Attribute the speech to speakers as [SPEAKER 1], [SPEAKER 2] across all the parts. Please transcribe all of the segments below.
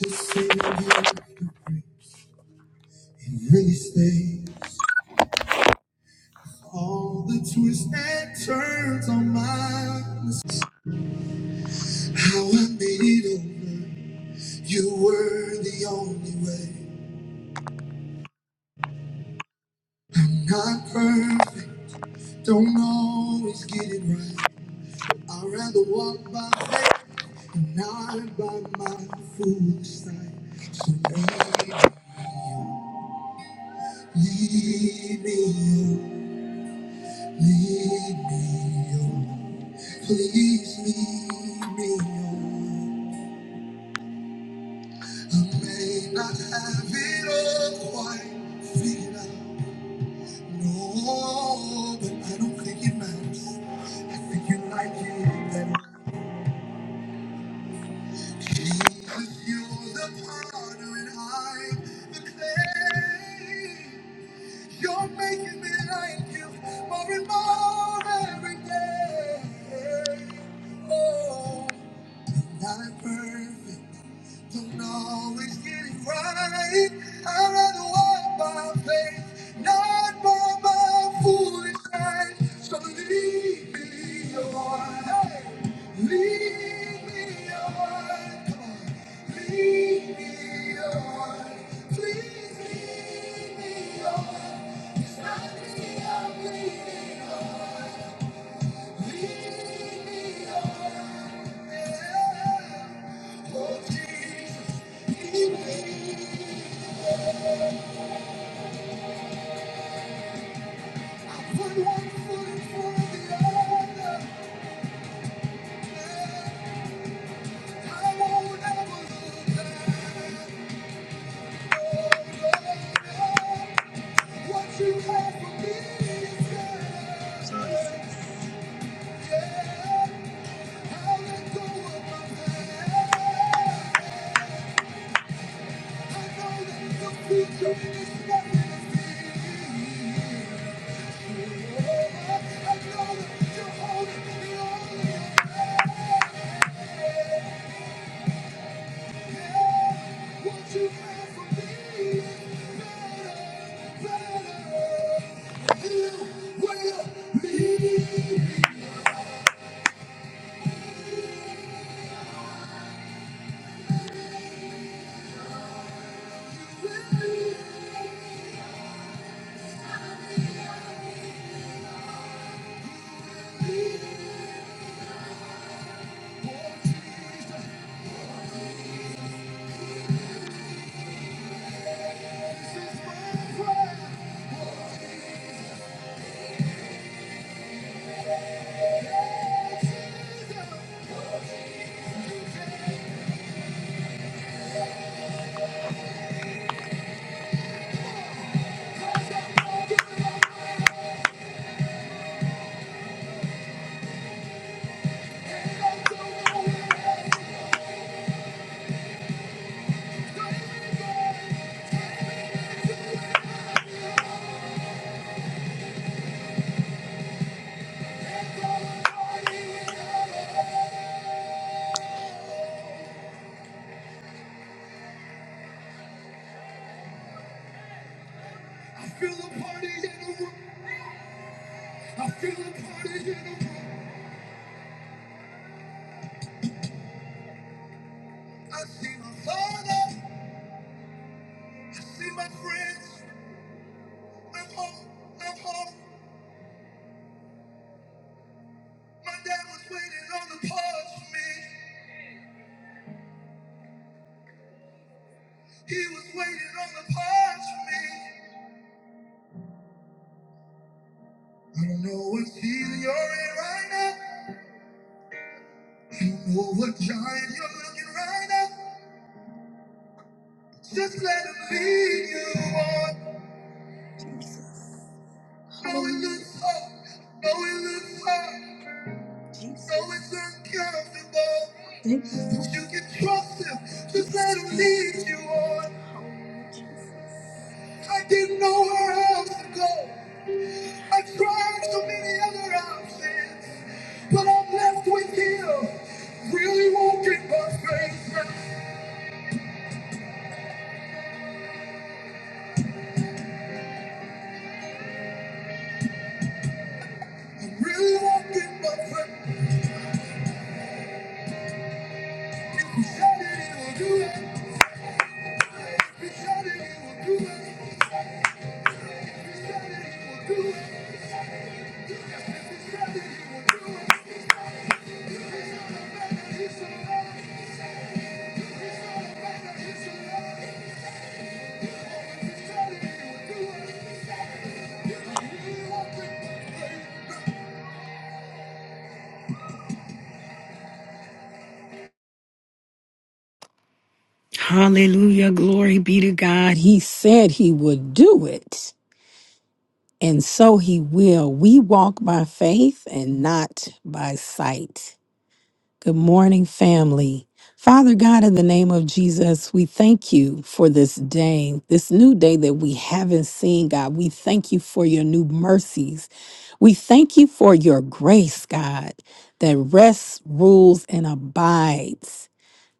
[SPEAKER 1] The Savior It really stays. All the twists and turns on my mistakes. How I made it over. You were the only way. I'm not perfect. Don't always get it right. I'd rather walk by faith and not by my foolish sight. So baby, lead me. Lead me on, please lead me on. I may not have it all quite figured out. No, but I don't think it matters. I think you like it that way. Jesus, you're the potter and I'm the clay. You're making me like you more and more every day. Oh. Not perfect, don't always get it right. I'd rather walk by faith, not by my foolish sight. So lead me on, hey, lead me on, come on, lead me on, please lead me on. It's not me I'm leading on, lead me on. I Thank you. me you're holding me on. What you have for me matters, matters. You will lead, lead, lead. This is my prayer. I feel a party in the room. I feel a party in the room. I see my father. I see my friends. I'm home. I'm home. My dad was waiting on the parts for me. He was waiting on the porch for me. You know what season you're in right now. You know what giant you're looking right now. Just let him lead you on. It's hard. No, it looks hard. No, it's uncomfortable. But you can trust him. Just let him lead you on. I didn't know where else to go. I tried so many other options. But I'm left with him. Really walking by faith. Really walking by faith. he'll do it.
[SPEAKER 2] Hallelujah. Glory be to God. He said he would do it, and so he will. We walk by faith and not by sight. Good morning, family. Father God, in the name of Jesus, we thank you for this day, this new day that we haven't seen, God. We thank you for your new mercies. We thank you for your grace, God, that rests, rules, and abides.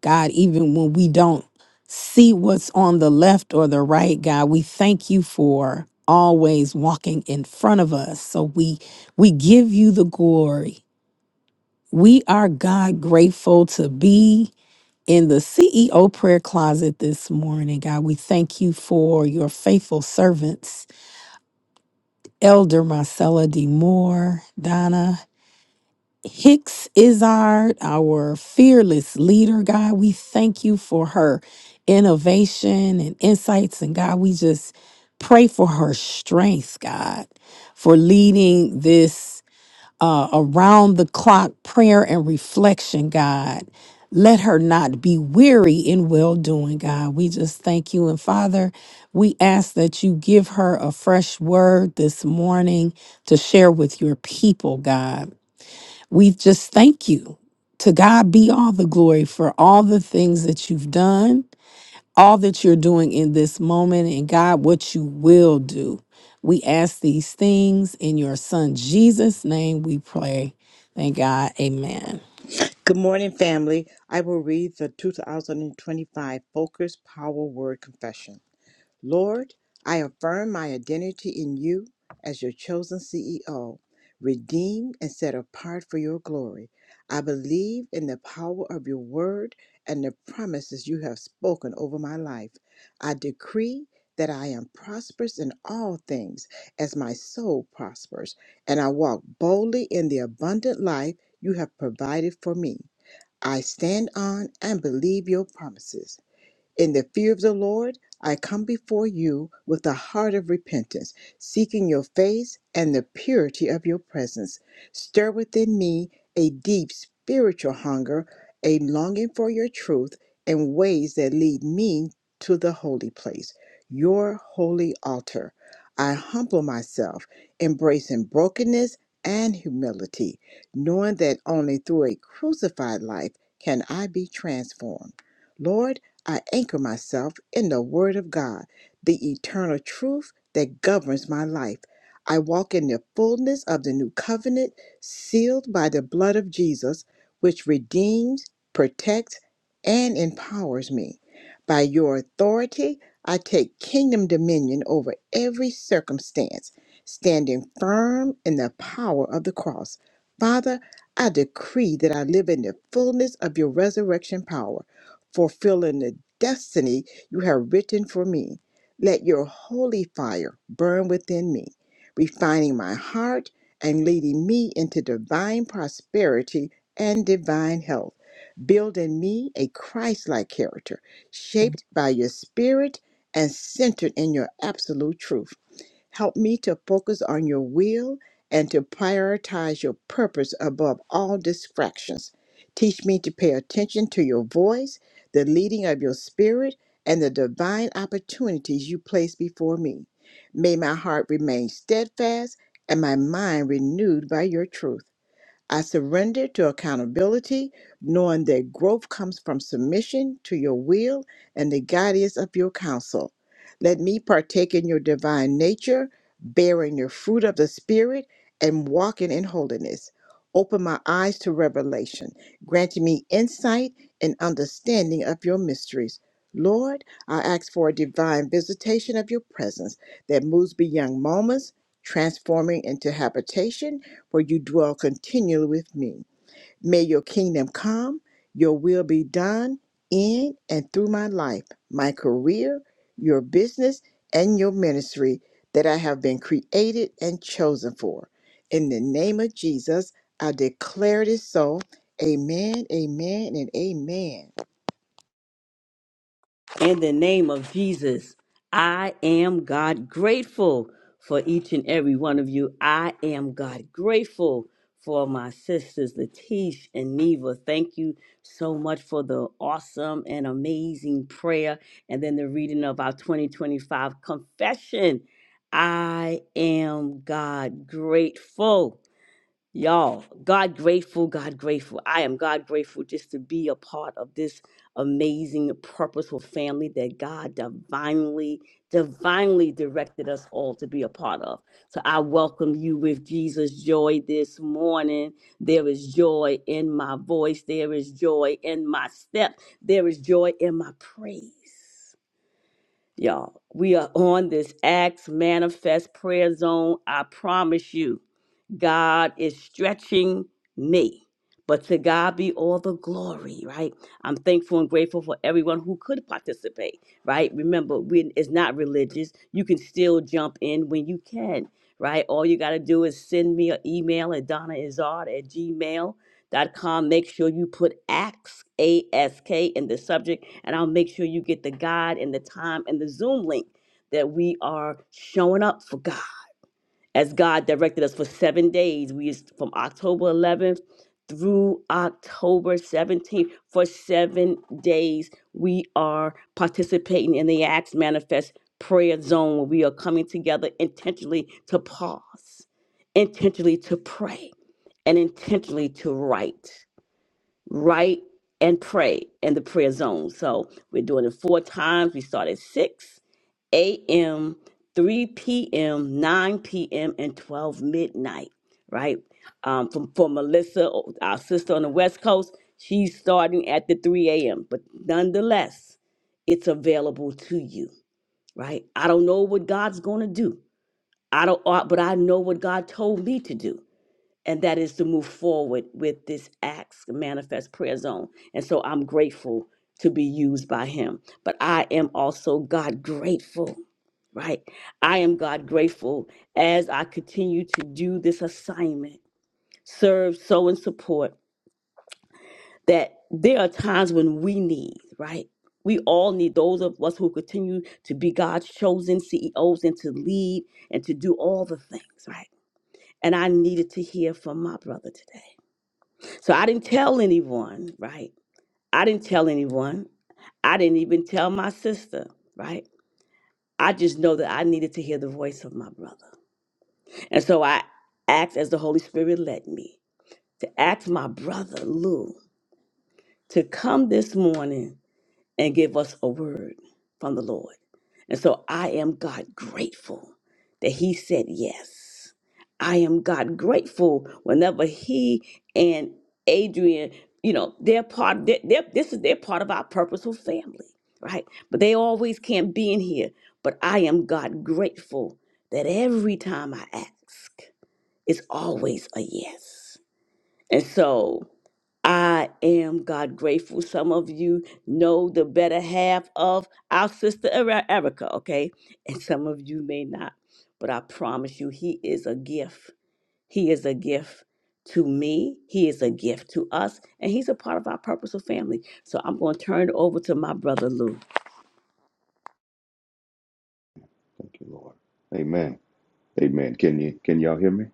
[SPEAKER 2] God, even when we don't see what's on the left or the right, God, we thank you for always walking in front of us. So we we give you the glory. We are God grateful to be in the CEO prayer closet this morning. God, we thank you for your faithful servants, Elder Marcella D. Moore, Donna Hicks Izard, our fearless leader, God, we thank you for her innovation and insights. And God, we just pray for her strength, God, for leading this uh, around the clock prayer and reflection, God. Let her not be weary in well doing, God. We just thank you. And Father, we ask that you give her a fresh word this morning to share with your people, God. We just thank you. To God be all the glory for all the things that you've done, all that you're doing in this moment, and God, what you will do. We ask these things in your son Jesus' name we pray. Thank God. Amen.
[SPEAKER 3] Good morning, family. I will read the 2025 Focus Power Word Confession. Lord, I affirm my identity in you as your chosen CEO, redeemed and set apart for your glory. I believe in the power of your word and the promises you have spoken over my life. I decree that I am prosperous in all things as my soul prospers, and I walk boldly in the abundant life you have provided for me. I stand on and believe your promises. In the fear of the Lord, I come before you with a heart of repentance, seeking your face and the purity of your presence. Stir within me a deep spiritual hunger, a longing for your truth and ways that lead me to the holy place, your holy altar. I humble myself, embracing brokenness and humility, knowing that only through a crucified life can I be transformed. Lord, I anchor myself in the Word of God, the eternal truth that governs my life. I walk in the fullness of the new covenant, sealed by the blood of Jesus, which redeems, protects, and empowers me. By your authority, I take kingdom dominion over every circumstance, standing firm in the power of the cross. Father, I decree that I live in the fullness of your resurrection power fulfilling the destiny you have written for me. Let your holy fire burn within me, refining my heart and leading me into divine prosperity and divine health. Build in me a Christ like character, shaped by your spirit and centered in your absolute truth. Help me to focus on your will and to prioritize your purpose above all distractions. Teach me to pay attention to your voice, the leading of your spirit, and the divine opportunities you place before me. May my heart remain steadfast and my mind renewed by your truth. I surrender to accountability, knowing that growth comes from submission to your will and the guidance of your counsel. Let me partake in your divine nature, bearing the fruit of the Spirit and walking in holiness. Open my eyes to revelation, granting me insight and understanding of your mysteries. Lord, I ask for a divine visitation of your presence that moves beyond moments, transforming into habitation for you dwell continually with me. May your kingdom come, your will be done in and through my life, my career, your business, and your ministry that I have been created and chosen for. In the name of Jesus, I declare it is so. Amen, amen, and amen.
[SPEAKER 1] In the name of Jesus, I am God grateful for each and every one of you. I am God grateful for my sisters, Latish and Neva. Thank you so much for the awesome and amazing prayer and then the reading of our 2025 confession. I am God grateful. Y'all, God grateful, God grateful. I am God grateful just to be a part of this amazing, purposeful family that God divinely, divinely directed us all to be a part of. So I welcome you with Jesus' joy this morning. There is joy in my voice, there is joy in my step, there is joy in my praise. Y'all, we are on this Acts Manifest Prayer Zone. I promise you. God is stretching me. But to God be all the glory, right? I'm thankful and grateful for everyone who could participate, right? Remember, we, it's not religious. You can still jump in when you can, right? All you got to do is send me an email at donnaizard at gmail.com. Make sure you put ASK, A-S-K in the subject, and I'll make sure you get the guide and the time and the Zoom link that we are showing up for God as God directed us for seven days. We is from October 11th through October 17th. For seven days, we are participating in the Acts Manifest Prayer Zone where we are coming together intentionally to pause, intentionally to pray, and intentionally to write write, and pray in the prayer zone. So we're doing it four times. We start at 6 a.m., 3 p.m., 9 p.m., and 12 midnight, right? Um, from, for Melissa, our sister on the West Coast, she's starting at the 3 a.m., but nonetheless, it's available to you, right? I don't know what God's going to do. I don't, uh, but I know what God told me to do and that is to move forward with this acts manifest prayer zone and so i'm grateful to be used by him but i am also god grateful right i am god grateful as i continue to do this assignment serve sow and support that there are times when we need right we all need those of us who continue to be god's chosen ceos and to lead and to do all the things right and i needed to hear from my brother today so I didn't tell anyone, right? I didn't tell anyone. I didn't even tell my sister, right? I just know that I needed to hear the voice of my brother. And so I asked as the Holy Spirit led me to ask my brother Lou to come this morning and give us a word from the Lord. And so I am God grateful that He said yes. I am God grateful whenever He and Adrian, you know, they're part, they're, they're- this is they're part of our purposeful family, right? But they always can't be in here. But I am God grateful that every time I ask, it's always a yes. And so I am God grateful. Some of you know the better half of our sister Eri- Erica, okay? And some of you may not. But I promise you, He is a gift. He is a gift to me. He is a gift to us. And He's a part of our purposeful family. So I'm going to turn it over to my brother Lou.
[SPEAKER 4] Thank you, Lord. Amen. Amen. Can you can y'all hear me?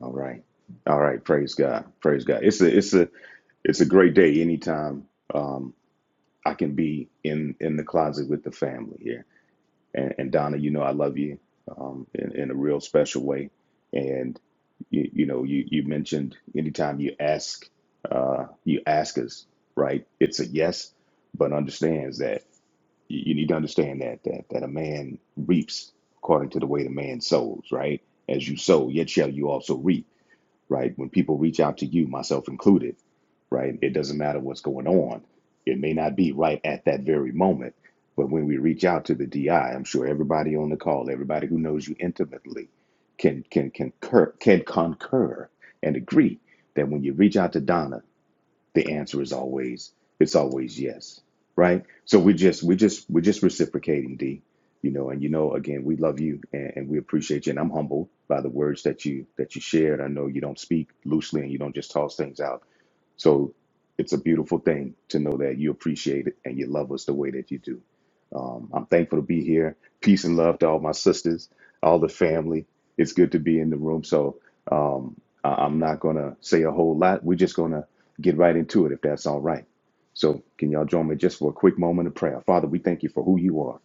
[SPEAKER 4] All right. All right. Praise God. Praise God. It's a it's a it's a great day anytime um I can be in in the closet with the family here. And and Donna, you know I love you um in, in a real special way. And you, you know, you you mentioned anytime you ask uh you ask us, right? It's a yes, but understands that. You, you need to understand that that that a man reaps according to the way the man sows, right? As you sow, yet shall you also reap, right? When people reach out to you, myself included, right? It doesn't matter what's going on. It may not be right at that very moment, but when we reach out to the DI, I'm sure everybody on the call, everybody who knows you intimately, can can can concur can concur and agree that when you reach out to Donna the answer is always it's always yes right so we just we just we're just reciprocating d you know and you know again we love you and, and we appreciate you and i'm humbled by the words that you that you shared i know you don't speak loosely and you don't just toss things out so it's a beautiful thing to know that you appreciate it and you love us the way that you do. Um, I'm thankful to be here. Peace and love to all my sisters, all the family. It's good to be in the room. So um, I- I'm not going to say a whole lot. We're just going to get right into it if that's all right. So can y'all join me just for a quick moment of prayer? Father, we thank you for who you are.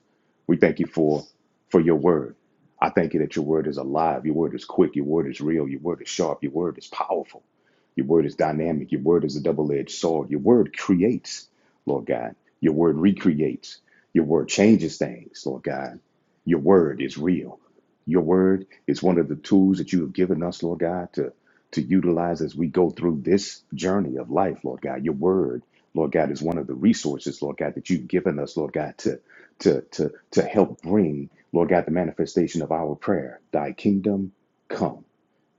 [SPEAKER 4] We thank you for for your word. I thank you that your word is alive. Your word is quick. Your word is real. Your word is sharp. Your word is powerful. Your word is dynamic. Your word is a double edged sword. Your word creates, Lord God. Your word recreates. Your word changes things, Lord God. Your word is real. Your word is one of the tools that you have given us, Lord God, to, to utilize as we go through this journey of life, Lord God. Your word, Lord God, is one of the resources, Lord God, that you've given us, Lord God, to, to, to, to help bring, Lord God, the manifestation of our prayer. Thy kingdom come.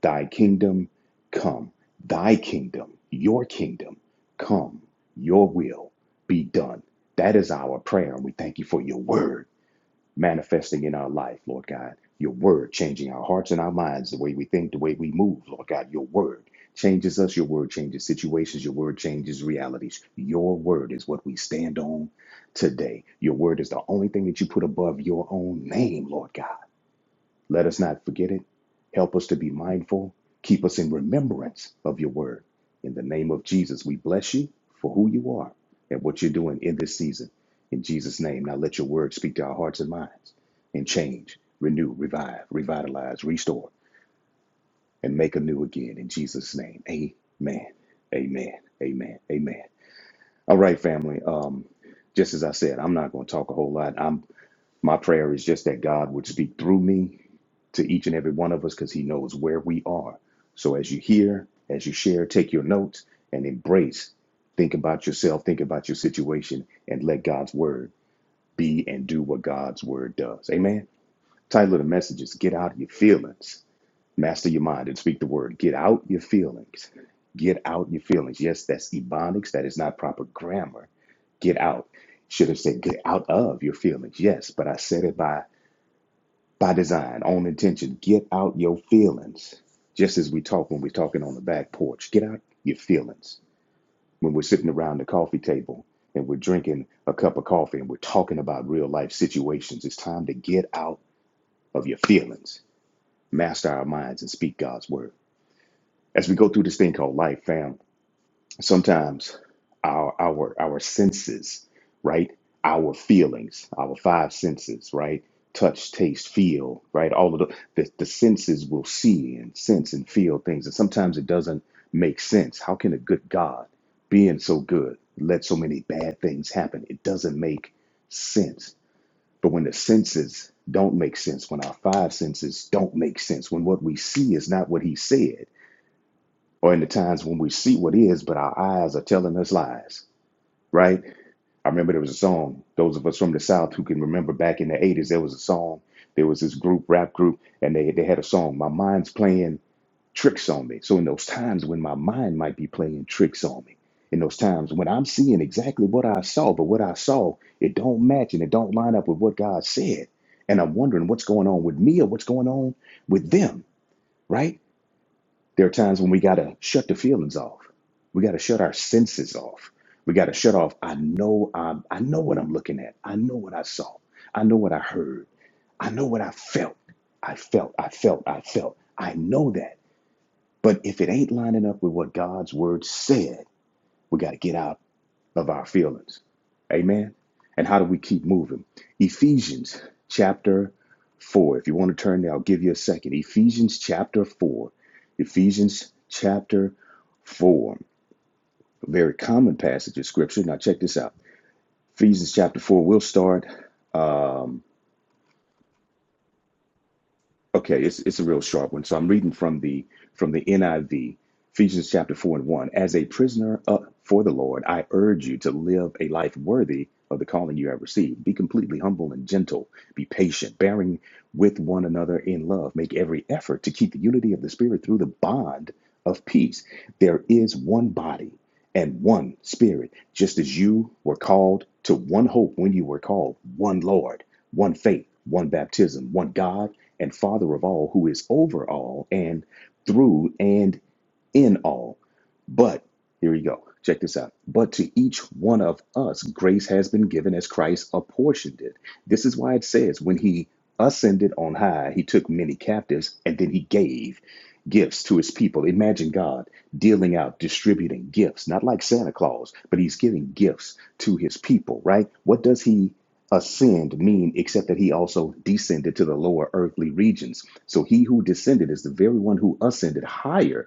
[SPEAKER 4] Thy kingdom come, thy kingdom, your kingdom come, your will be done. That is our prayer, and we thank you for your word manifesting in our life, Lord God. Your word changing our hearts and our minds, the way we think, the way we move, Lord God. Your word changes us, your word changes situations, your word changes realities. Your word is what we stand on today. Your word is the only thing that you put above your own name, Lord God. Let us not forget it. Help us to be mindful. Keep us in remembrance of your word. In the name of Jesus, we bless you for who you are and what you're doing in this season. In Jesus' name, now let your word speak to our hearts and minds and change, renew, revive, revitalize, restore, and make anew again. In Jesus' name, amen. Amen. Amen. Amen. All right, family. Um, just as I said, I'm not going to talk a whole lot. I'm my prayer is just that God would speak through me to each and every one of us because He knows where we are. So as you hear, as you share, take your notes and embrace. Think about yourself, think about your situation, and let God's word be and do what God's word does. Amen. Title of the message is Get Out of Your Feelings, Master Your Mind, and Speak the Word. Get out your feelings. Get out your feelings. Yes, that's ebonics. That is not proper grammar. Get out. Should have said get out of your feelings. Yes, but I said it by by design, on intention. Get out your feelings. Just as we talk when we're talking on the back porch, get out your feelings. When we're sitting around the coffee table and we're drinking a cup of coffee and we're talking about real life situations, it's time to get out of your feelings, master our minds, and speak God's word. As we go through this thing called life, fam, sometimes our our our senses right our feelings our five senses right touch taste feel right all of the, the the senses will see and sense and feel things and sometimes it doesn't make sense how can a good god being so good let so many bad things happen it doesn't make sense but when the senses don't make sense when our five senses don't make sense when what we see is not what he said or in the times when we see what is, but our eyes are telling us lies, right? I remember there was a song, those of us from the South who can remember back in the 80s, there was a song, there was this group, rap group, and they, they had a song, My Mind's Playing Tricks on Me. So in those times when my mind might be playing tricks on me, in those times when I'm seeing exactly what I saw, but what I saw, it don't match and it don't line up with what God said. And I'm wondering what's going on with me or what's going on with them, right? There are times when we got to shut the feelings off. We got to shut our senses off. We got to shut off. I know I'm, I know what I'm looking at. I know what I saw. I know what I heard. I know what I felt. I felt, I felt, I felt. I know that. But if it ain't lining up with what God's word said, we got to get out of our feelings. Amen. And how do we keep moving? Ephesians chapter 4. If you want to turn there, I'll give you a second. Ephesians chapter 4. Ephesians chapter 4. A very common passage of scripture. Now, check this out. Ephesians chapter 4. We'll start. um, Okay, it's it's a real sharp one. So I'm reading from the from the NIV, Ephesians chapter four and one. As a prisoner up for the Lord, I urge you to live a life worthy of the calling you have received. Be completely humble and gentle. Be patient, bearing with one another in love. Make every effort to keep the unity of the Spirit through the bond of peace. There is one body and one Spirit, just as you were called to one hope when you were called, one Lord, one faith, one baptism, one God and Father of all, who is over all and through and in all. But here we go. Check this out. But to each one of us, grace has been given as Christ apportioned it. This is why it says, when he ascended on high, he took many captives and then he gave gifts to his people. Imagine God dealing out, distributing gifts, not like Santa Claus, but he's giving gifts to his people, right? What does he ascend mean except that he also descended to the lower earthly regions? So he who descended is the very one who ascended higher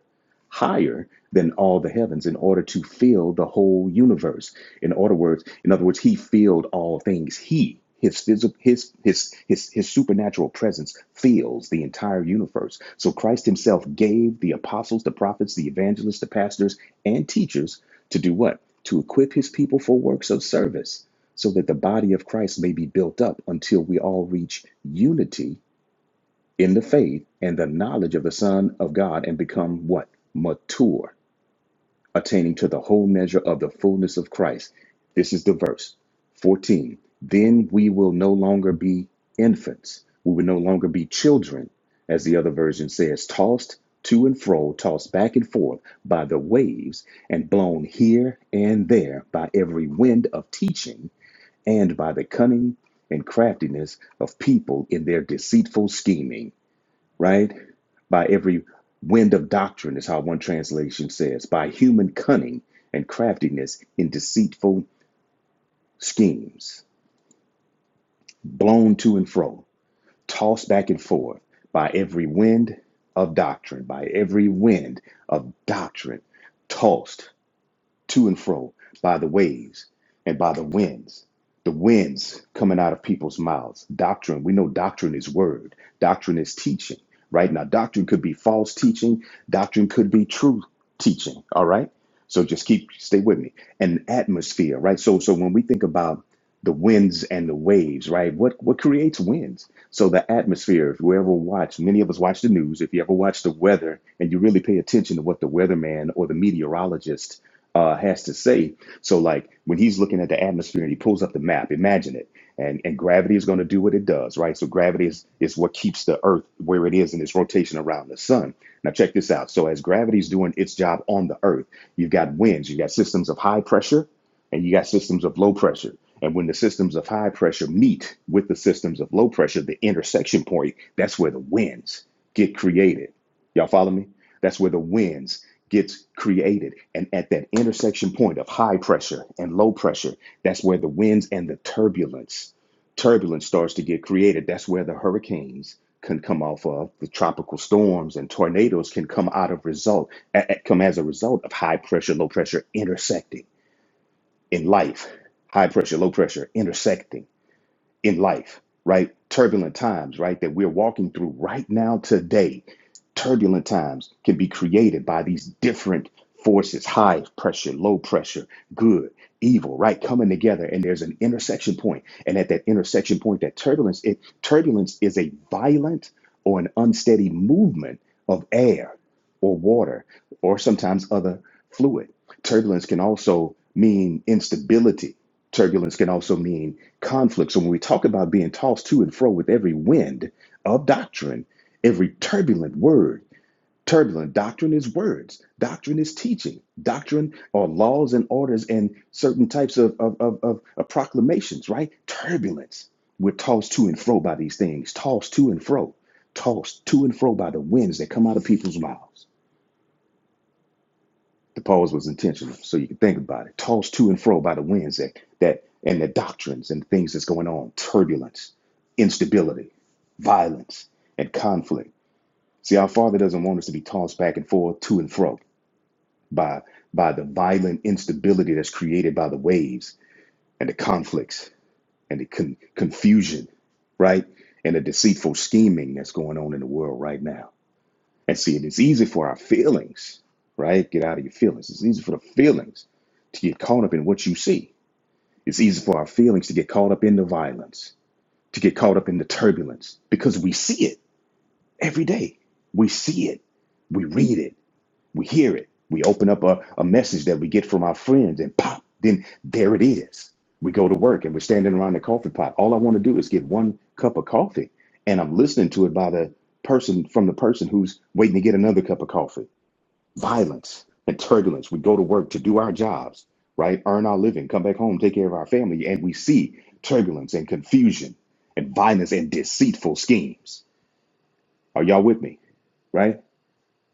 [SPEAKER 4] higher than all the heavens in order to fill the whole universe. In other words, in other words, he filled all things. He, his physical, his his his his supernatural presence fills the entire universe. So Christ himself gave the apostles, the prophets, the evangelists, the pastors, and teachers to do what? To equip his people for works of service, so that the body of Christ may be built up until we all reach unity in the faith and the knowledge of the Son of God and become what? Mature, attaining to the whole measure of the fullness of Christ. This is the verse 14. Then we will no longer be infants. We will no longer be children, as the other version says, tossed to and fro, tossed back and forth by the waves, and blown here and there by every wind of teaching and by the cunning and craftiness of people in their deceitful scheming right? By every wind of doctrine, is how one translation says, by human cunning and craftiness in deceitful schemes, blown to and fro, tossed back and forth by every wind of doctrine, by every wind of doctrine, tossed to and fro by the waves and by the winds. The winds coming out of people's mouths. Doctrine, we know doctrine is word, doctrine is teaching, right? Now, doctrine could be false teaching, doctrine could be true teaching, all right? So just keep, stay with me. And atmosphere, right? So, so when we think about the winds and the waves, right? What what creates winds? So the atmosphere, if you ever watch, many of us watch the news, if you ever watch the weather and you really pay attention to what the weatherman or the meteorologist uh, has to say. So, like when he's looking at the atmosphere and he pulls up the map, imagine it. And and gravity is going to do what it does, right? So gravity is is what keeps the Earth where it is in its rotation around the sun. Now check this out. So as gravity is doing its job on the Earth, you've got winds, you've got systems of high pressure, and you got systems of low pressure. And when the systems of high pressure meet with the systems of low pressure, the intersection point, that's where the winds get created. Y'all follow me? That's where the winds gets created. And at that intersection point of high pressure and low pressure, that's where the winds and the turbulence, turbulence starts to get created. That's where the hurricanes can come off of, the tropical storms and tornadoes can come out of result, come as a result of high pressure, low pressure intersecting in life. High pressure, low pressure intersecting in life, right? Turbulent times, right? That we're walking through right now today. Turbulent times can be created by these different forces high pressure, low pressure, good, evil, right? Coming together. And there's an intersection point. And at that intersection point, that turbulence, it, turbulence is a violent or an unsteady movement of air or water or sometimes other fluid. Turbulence can also mean instability Turbulence can also mean conflict. So when we talk about being tossed to and fro with every wind of doctrine, every turbulent word, turbulent doctrine is words, doctrine is teaching, doctrine are laws and orders and certain types of, of, of, of, of proclamations, right? Turbulence. We're tossed to and fro by these things, tossed to and fro, tossed to and fro by the winds that come out of people's mouths. The pause was intentional, so you can think about it. Tossed to and fro by the winds that, that and the doctrines and things that's going on, turbulence, instability, violence, and conflict. See, our Father doesn't want us to be tossed back and forth, to and fro, by by the violent instability that's created by the waves and the conflicts and the con- confusion, right, and the deceitful scheming that's going on in the world right now. And see, it is easy for our feelings, right? Get out of your feelings. It's easy for the feelings to get caught up in what you see. It's easy for our feelings to get caught up in the violence, to get caught up in the turbulence, because we see it every day. We see it, we read it, we hear it. We open up a, a message that we get from our friends, and pop, then there it is. We go to work and we're standing around the coffee pot. All I want to do is get one cup of coffee, and I'm listening to it by the person from the person who's waiting to get another cup of coffee violence and turbulence. We go to work to do our jobs, right? Earn our living, come back home, take care of our family, and we see turbulence and confusion and violence and deceitful schemes. Are y'all with me? Right?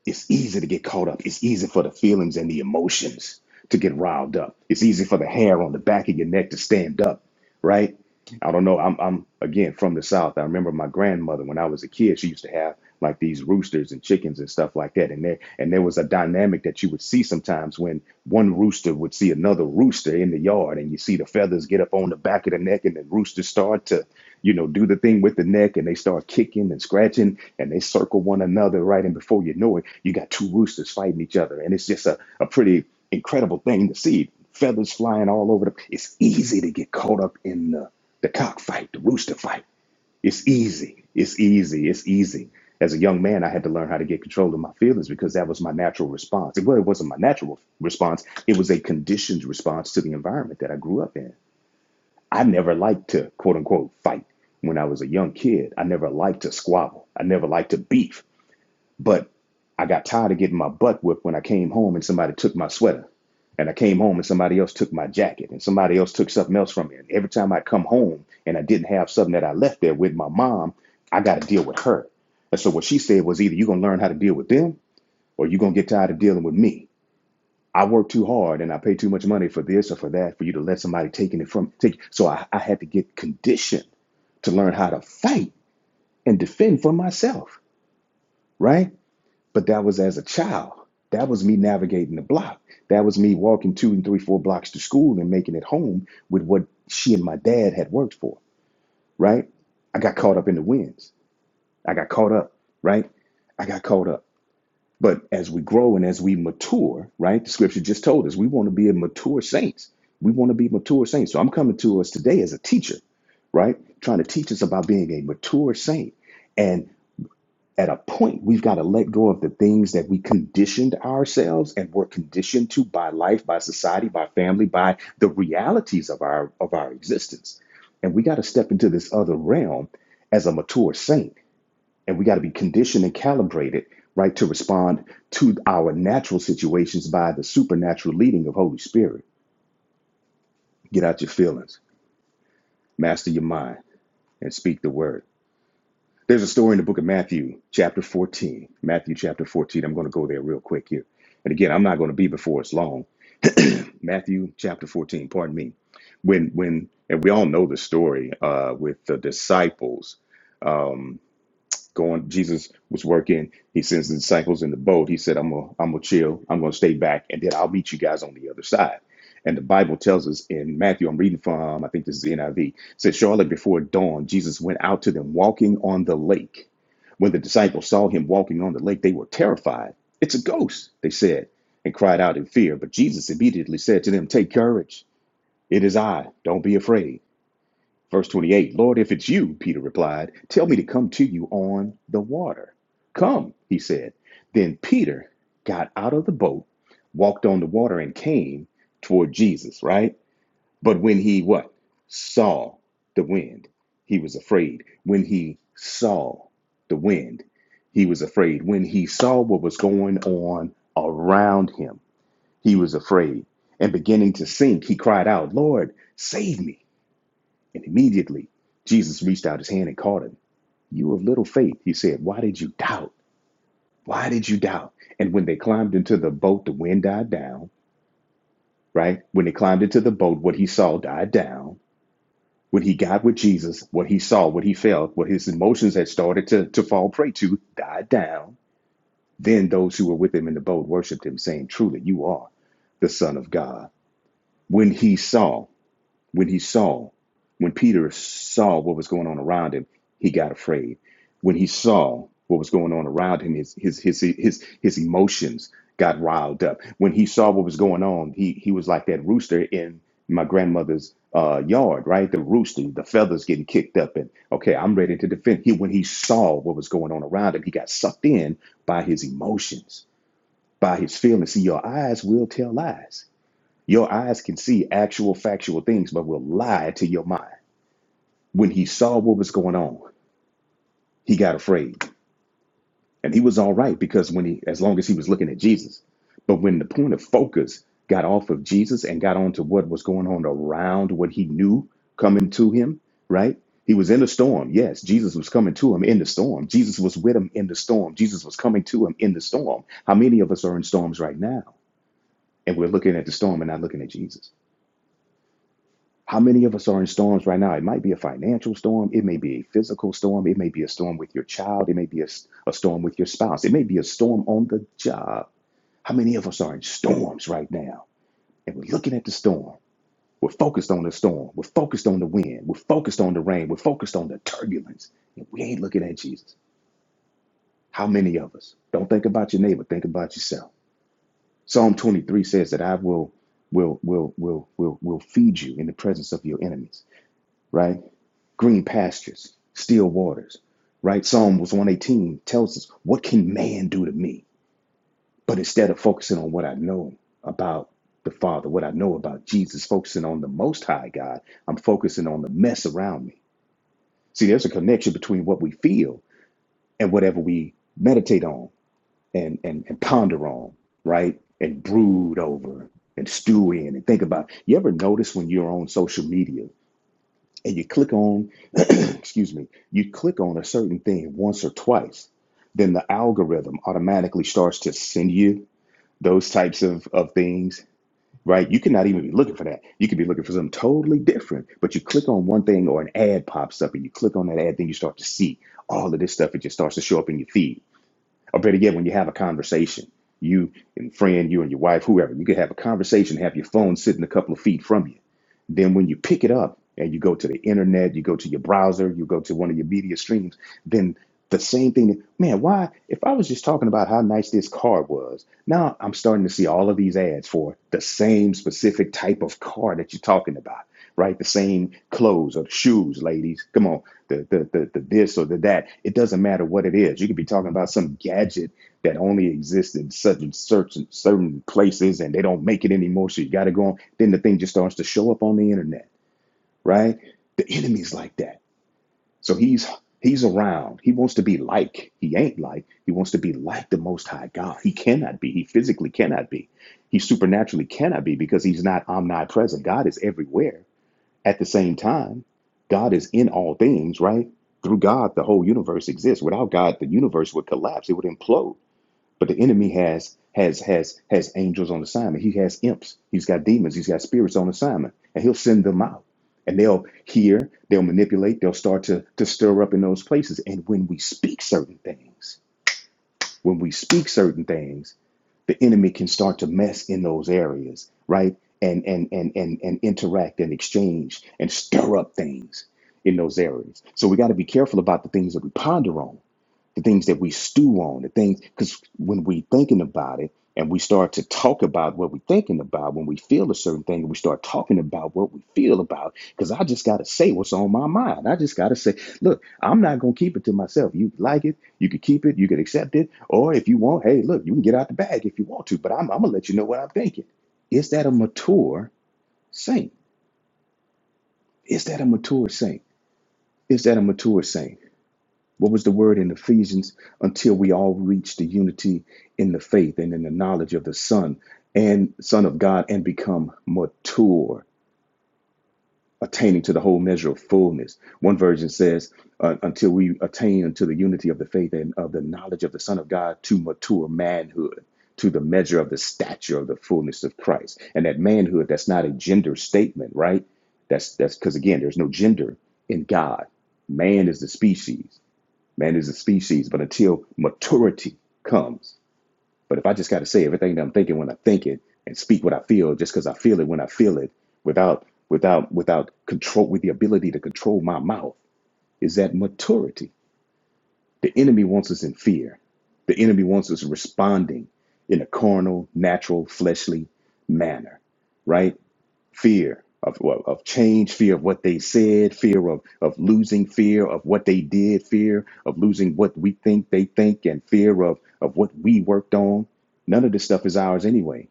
[SPEAKER 4] it's easy to get caught up. It's easy for the feelings and the emotions to get riled up. It's easy for the hair on the back of your neck to stand up, right? I don't know. I'm, I'm again from the South. I remember my grandmother when I was a kid. She used to have like these roosters and chickens and stuff like that. And there and there was a dynamic that you would see sometimes when one rooster would see another rooster in the yard, and you see the feathers get up on the back of the neck, and the rooster start to you know, do the thing with the neck and they start kicking and scratching and they circle one another, right? And before you know it, you got two roosters fighting each other. And it's just a, a pretty incredible thing to see. Feathers flying all over the it's easy to get caught up in the, the cockfight, the rooster fight. It's easy. It's easy. It's easy. As a young man, I had to learn how to get control of my feelings because that was my natural response. Well, it wasn't my natural response. It was a conditioned response to the environment that I grew up in I never liked to quote unquote fight when I was a young kid. I never liked to squabble. I never liked to beef. But I got tired of getting my butt whipped when I came home and somebody took my sweater. And I came home and somebody else took my jacket and somebody else took something else from me. And every time I come home and I didn't have something that I left there with my mom, I got to deal with her. And so what she said was either you're going to learn how to deal with them or you're going to get tired of dealing with me. I work too hard and I pay too much money for this or for that for you to let somebody taking it from take. So I, I had to get conditioned to learn how to fight and defend for myself, right? But that was as a child. That was me navigating the block. That was me walking two and three, four blocks to school and making it home with what she and my dad had worked for, right? I got caught up in the winds. I got caught up, right? I got caught up. But as we grow and as we mature, right? The scripture just told us we want to be a mature saints. We want to be mature saints. So I'm coming to us today as a teacher, right? Trying to teach us about being a mature saint. And at a point, we've got to let go of the things that we conditioned ourselves and were conditioned to by life, by society, by family, by the realities of our of our existence. And we got to step into this other realm as a mature saint and we got to be conditioned and calibrated right to respond to our natural situations by the supernatural leading of holy spirit get out your feelings master your mind and speak the word there's a story in the book of matthew chapter 14 matthew chapter 14 i'm going to go there real quick here and again i'm not going to be before it's long matthew chapter 14 pardon me when when and we all know the story uh, with the disciples Um, going jesus was working he sends the disciples in the boat he said i'm gonna i'm gonna chill i'm gonna stay back and then i'll meet you guys on the other side and the bible tells us in matthew i'm reading from i think this is the niv it says shortly before dawn jesus went out to them walking on the lake when the disciples saw him walking on the lake they were terrified it's a ghost they said and cried out in fear but jesus immediately said to them take courage it is i don't be afraid Verse 28 Lord, if it's you, Peter replied, tell me to come to you on the water. Come, he said. Then Peter got out of the boat, walked on the water, and came toward Jesus, right? But when he what? Saw the wind, he was afraid. When he saw the wind, he was afraid. When he saw what was going on around him, he was afraid. And beginning to sink, he cried out, Lord, save me. And immediately Jesus reached out his hand and caught him. You of little faith, he said, why did you doubt? Why did you doubt? And when they climbed into the boat, the wind died down, right? When they climbed into the boat, what he saw died down. When he got with Jesus, what he saw, what he felt, what his emotions had started to, to fall prey to died down. Then those who were with him in the boat worshiped him, saying, Truly, you are the Son of God. When he saw, When he saw, when Peter saw what was going on around him, he got afraid. When he saw what was going on around him, his his his his his emotions got riled up. When he saw what was going on, he he was like that rooster in my grandmother's uh, yard, right? The roosting, the feathers getting kicked up, and okay, I'm ready to defend. He when he saw what was going on around him, he got sucked in by his emotions, by his feelings. See, your eyes will tell lies your eyes can see actual factual things, but will lie to your mind. When he saw what was going on, he got afraid. And he was all right because when he, as long as he was looking at Jesus. But when the point of focus got off of Jesus and got onto what was going on around what he knew coming to him, right? He was in the storm. Yes, Jesus was coming to him in the storm. Jesus was with him in the storm. Jesus was coming to him in the storm. How many of us are in storms right now? And we're looking at the storm and not looking at Jesus? How many of us are in storms right now? It might be a financial storm. It may be a physical storm. It may be a storm with your child. It may be a a storm with your spouse. It may be a storm on the job. How many of us are in storms right now? And we're looking at the storm. We're focused on the storm. We're focused on the wind. We're focused on the rain. We're focused on the turbulence. And we ain't looking at Jesus. How many of us? Don't think about your neighbor. Think about yourself. Psalm 23 says that I will, will, will, will, will, will feed you in the presence of your enemies right? green pastures, still waters, right? Psalm 118 tells us, What can man do to me? But instead of focusing on what I know about the Father, what I know about Jesus, focusing on the Most High God, I'm focusing on the mess around me. See, there's a connection between what we feel and whatever we meditate on and, and, and ponder on, right? And brood over and stew in and think about. You ever notice when you're on social media and you click on excuse me, you click on a certain thing once or twice, then the algorithm automatically starts to send you those types of, of things, right? You cannot even be looking for that. You could be looking for something totally different, but you click on one thing or an ad pops up and you click on that ad, then you start to see all of this stuff. It just starts to show up in your feed. Or better yet, when you have a conversation, you and friend, you and your wife, whoever, you could have a conversation, have your phone sitting a couple of feet from you then when you pick it up and you go to the internet, you go to your browser, you go to one of your media streams, then the same thing, man, why? If I was just talking about how nice this car was, now I'm starting to see all of these ads for the same specific type of car that you're talking about, right? The same clothes or shoes, ladies. Come on, the, the, the, the this or the that. It doesn't matter what it is. You could be talking about some gadget that only exist in such and certain certain places and they don't make it anymore. So you gotta go on. Then the thing just starts to show up on the internet, right? The enemy's like that. So he's he's around. He wants to be like. He ain't like. He wants to be like the most high God. He cannot be. He physically cannot be. He supernaturally cannot be because he's not omnipresent. God is everywhere at the same time. God is in all things, right? Through God, the whole universe exists. Without God, the universe would collapse. It would implode but the enemy has has has has angels on assignment. He has imps. He's got demons. He's got spirits on assignment, and he'll send them out. And they'll hear. They'll manipulate. They'll start to to stir up in those places. And when we speak certain things, when we speak certain things, the enemy can start to mess in those areas, right? And and and and and interact and exchange and stir up things in those areas. So we got to be careful about the things that we ponder on the things that we stew on, the things, because when we thinking about it and we start to talk about what we're thinking about, when we feel a certain thing, we start talking about what we feel about, because I just got to say what's on my mind. I just got to say, look, I'm not going to keep it to myself. You like it, you could keep it, you could accept it, or if you want, hey, look, you can get out the bag if you want to, but I'm, I'm going to let you know what I'm thinking. Is that a mature saint? Is that a mature saint? Is that a mature saint? What was the word in Ephesians? Until we all reach the unity in the faith and in the knowledge of the Son and Son of God and become mature, attaining to the whole measure of fullness. One version says, uh, until we attain unto the unity of the faith and of the knowledge of the Son of God to mature manhood, to the measure of the stature of the fullness of Christ. And that manhood, that's not a gender statement, right? That's that's because again, there's no gender in God. Man is the species. Man is a species, but until maturity comes. But if I just got to say everything that I'm thinking when I think it and speak what I feel just because I feel it when I feel it without without without control with the ability to control my mouth is that maturity. The enemy wants us in fear. The enemy wants us responding in a carnal, natural, fleshly manner, right? fear of well, of change, fear of what they said, fear of of losing, fear of what they did, fear of losing what we think they think, and fear of of what we worked on. None of this stuff is ours anyway.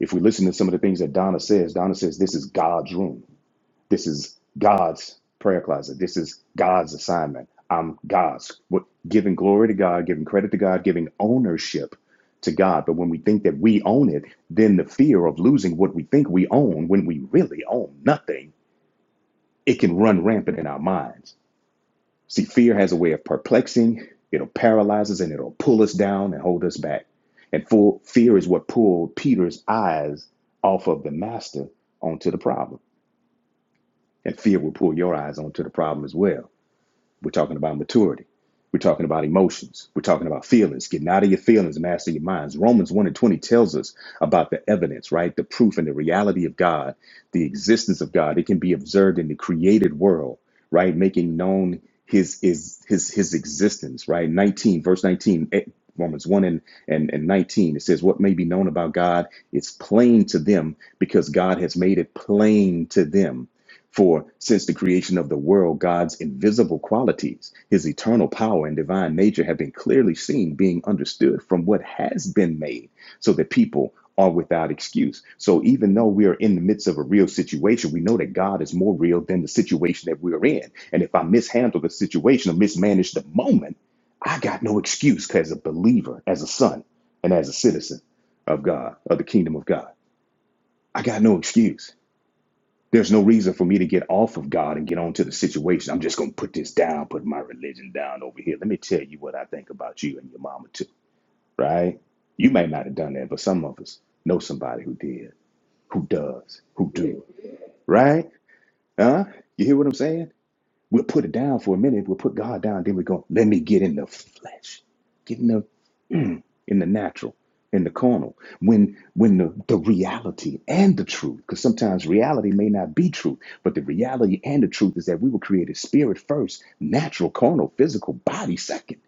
[SPEAKER 4] If we listen to some of the things that Donna says, Donna says this is God's room. This is God's prayer closet. This is God's assignment. I'm God's. What, giving glory to God, giving credit to God, giving ownership to God. But when we think that we own it, then the fear of losing what we think we own when we really own nothing, it can run rampant in our minds. See, fear has a way of perplexing, it'll paralyze us and it'll pull us down and hold us back. And full fear is what pulled Peter's eyes off of the master onto the problem. And fear will pull your eyes onto the problem as well We're talking about maturity. We're talking about emotions. We're talking about feelings. Getting out of your feelings, master your minds. Romans 1 and 20 tells us about the evidence, right? The proof and the reality of God, the existence of God. It can be observed in the created world, right? Making known his is his his existence, right? 19, verse 19. eh, Romans 1 and, and, and 19, it says, What may be known about God is plain to them because God has made it plain to them for since the creation of the world, God's invisible qualities, his eternal power and divine nature have been clearly seen, being understood from what has been made, so that people are without excuse. So even though we are in the midst of a real situation, we know that God is more real than the situation that we're in. And if I mishandle the situation or mismanage the moment, I got no excuse as a believer, as a son, and as a citizen of God, of the kingdom of God. I got no excuse. There's no reason for me to get off of God and get onto the situation. I'm just going to put this down, put my religion down over here. Let me tell you what I think about you and your mama, too, right? You may not have done that, but some of us know somebody who did, who does, who do, right? Huh? You hear what I'm saying? We'll put it down for a minute. We'll put God down. Then we go, let me get in the flesh. get in the in the natural, in the carnal, when when the, the reality and the truth, because sometimes reality may not be truth, but the reality and the truth is that we were created spirit first, natural, carnal, physical, body second.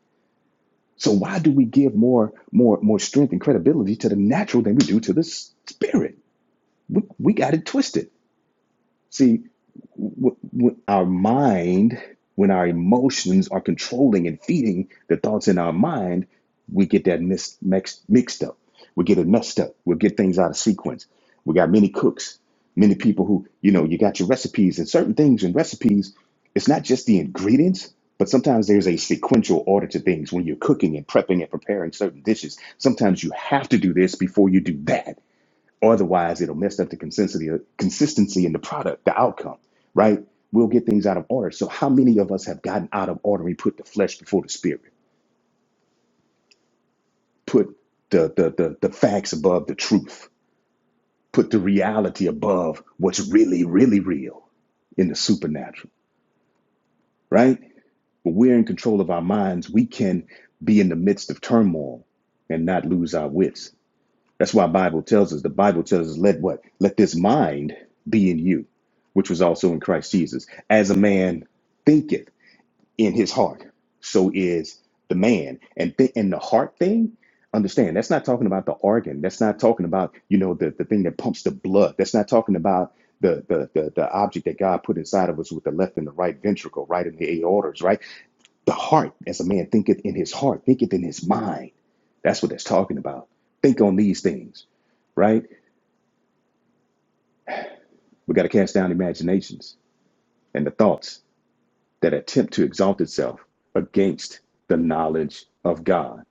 [SPEAKER 4] So why do we give more more more strength and credibility to the natural than we do to the spirit? We, we got it twisted. See, w- w- our mind, when our emotions are controlling and feeding the thoughts in our mind, we get that mis- mixed, mixed up. We get it messed up. We'll get things out of sequence. We got many cooks, many people who, you know, you got your recipes and certain things in recipes. It's not just the ingredients, but sometimes there's a sequential order to things when you're cooking and prepping and preparing certain dishes. Sometimes you have to do this before you do that Otherwise, it'll mess up the consistency consistency in the product, the outcome, right? We'll get things out of order. So how many of us have gotten out of order? We put the flesh before the spirit, put the the the, the facts above the truth, put the reality above what's really, really real in the supernatural, right? When we're in control of our minds, we can be in the midst of turmoil and not lose our wits That's why Bible tells us. The Bible tells us, let what? Let this mind be in you, which was also in Christ Jesus. As a man thinketh in his heart, so is the man. And th- and the heart thing, understand, that's not talking about the organ. That's not talking about, you know, the, the thing that pumps the blood. That's not talking about the, the the the object that God put inside of us with the left and the right ventricle, right in the aortas, right? The heart, as a man thinketh in his heart, thinketh in his mind that's what that's talking about. Think on these things, right? We got to cast down imaginations and the thoughts that attempt to exalt itself against the knowledge of God,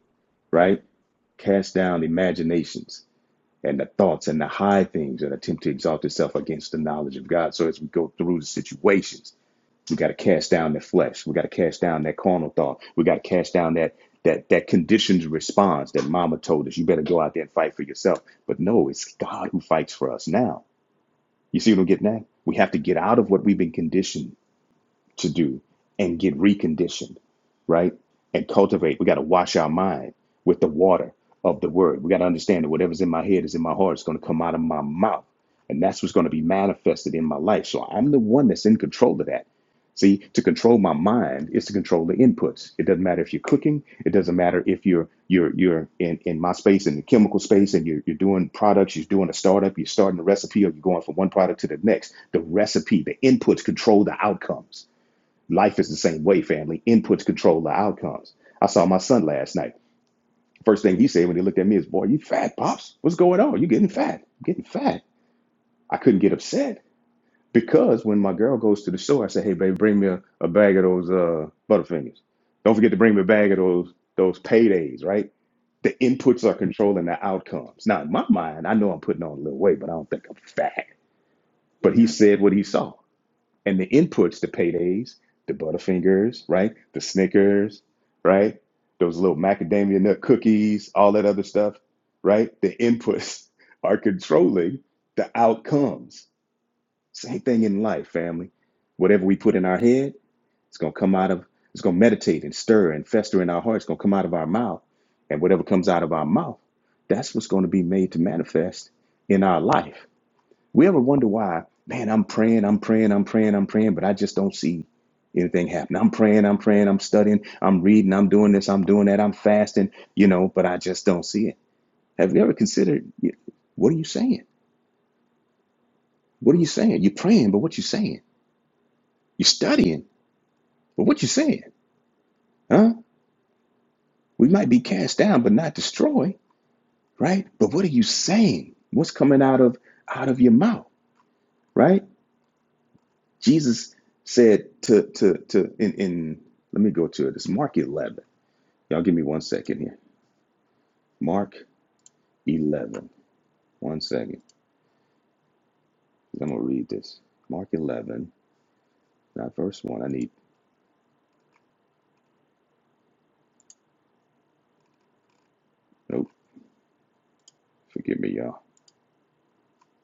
[SPEAKER 4] right? Cast down imaginations and the thoughts and the high things that attempt to exalt itself against the knowledge of God. So as we go through the situations, we got to cast down the flesh. We got to cast down that carnal thought. We got to cast down that that that conditioned response that mama told us you better go out there and fight for yourself. But no, it's God who fights for us now You see what I'm getting at? We have to get out of what we've been conditioned to do and get reconditioned, right? And cultivate. We got to wash our mind with the water of the word. We got to understand that whatever's in my head is in my heart. It's going to come out of my mouth. And that's what's going to be manifested in my life. So I'm the one that's in control of that. See, to control my mind is to control the inputs. It doesn't matter if you're cooking. It doesn't matter if you're you're you're in, in my space in the chemical space and you're you're doing products, you're doing a startup, you're starting a recipe, or you're going from one product to the next. The recipe, the inputs control the outcomes. Life is the same way, family. Inputs control the outcomes. I saw my son last night. First thing he said when he looked at me is, Boy, you fat, Pops. What's going on? You getting fat. you getting fat. I couldn't get upset because when my girl goes to the store, I say, Hey, baby, bring me a, a bag of those uh, Butterfingers. Don't forget to bring me a bag of those, those paydays, right? The inputs are controlling the outcomes. Now, in my mind, I know I'm putting on a little weight, but I don't think I'm fat. But he said what he saw. and the inputs, the paydays, the Butterfingers, right? The Snickers, right? Those little macadamia nut cookies, all that other stuff, right? The inputs are controlling the outcomes. Same thing in life, family. Whatever we put in our head, it's going to come out of, it's going to meditate and stir and fester in our heart. It's going to come out of our mouth. And whatever comes out of our mouth, that's what's going to be made to manifest in our life. We ever wonder why, man, I'm praying, I'm praying, I'm praying, I'm praying, but I just don't see anything happen. I'm praying, I'm praying, I'm studying, I'm reading, I'm doing this, I'm doing that, I'm fasting, you know, but I just don't see it. Have you ever considered what are you saying? What are you saying? You're praying, but what you saying? You're studying, but what you saying? Huh? We might be cast down, but not destroyed, right? But what are you saying? What's coming out of out of your mouth, right? Jesus said to to to in in let me go to it. It's Mark 11. Y'all give me one second here. Mark 11. 12nd 'cause I'm going to read this. Mark 11. Not verse 1. I need. Nope. Forgive me, y'all.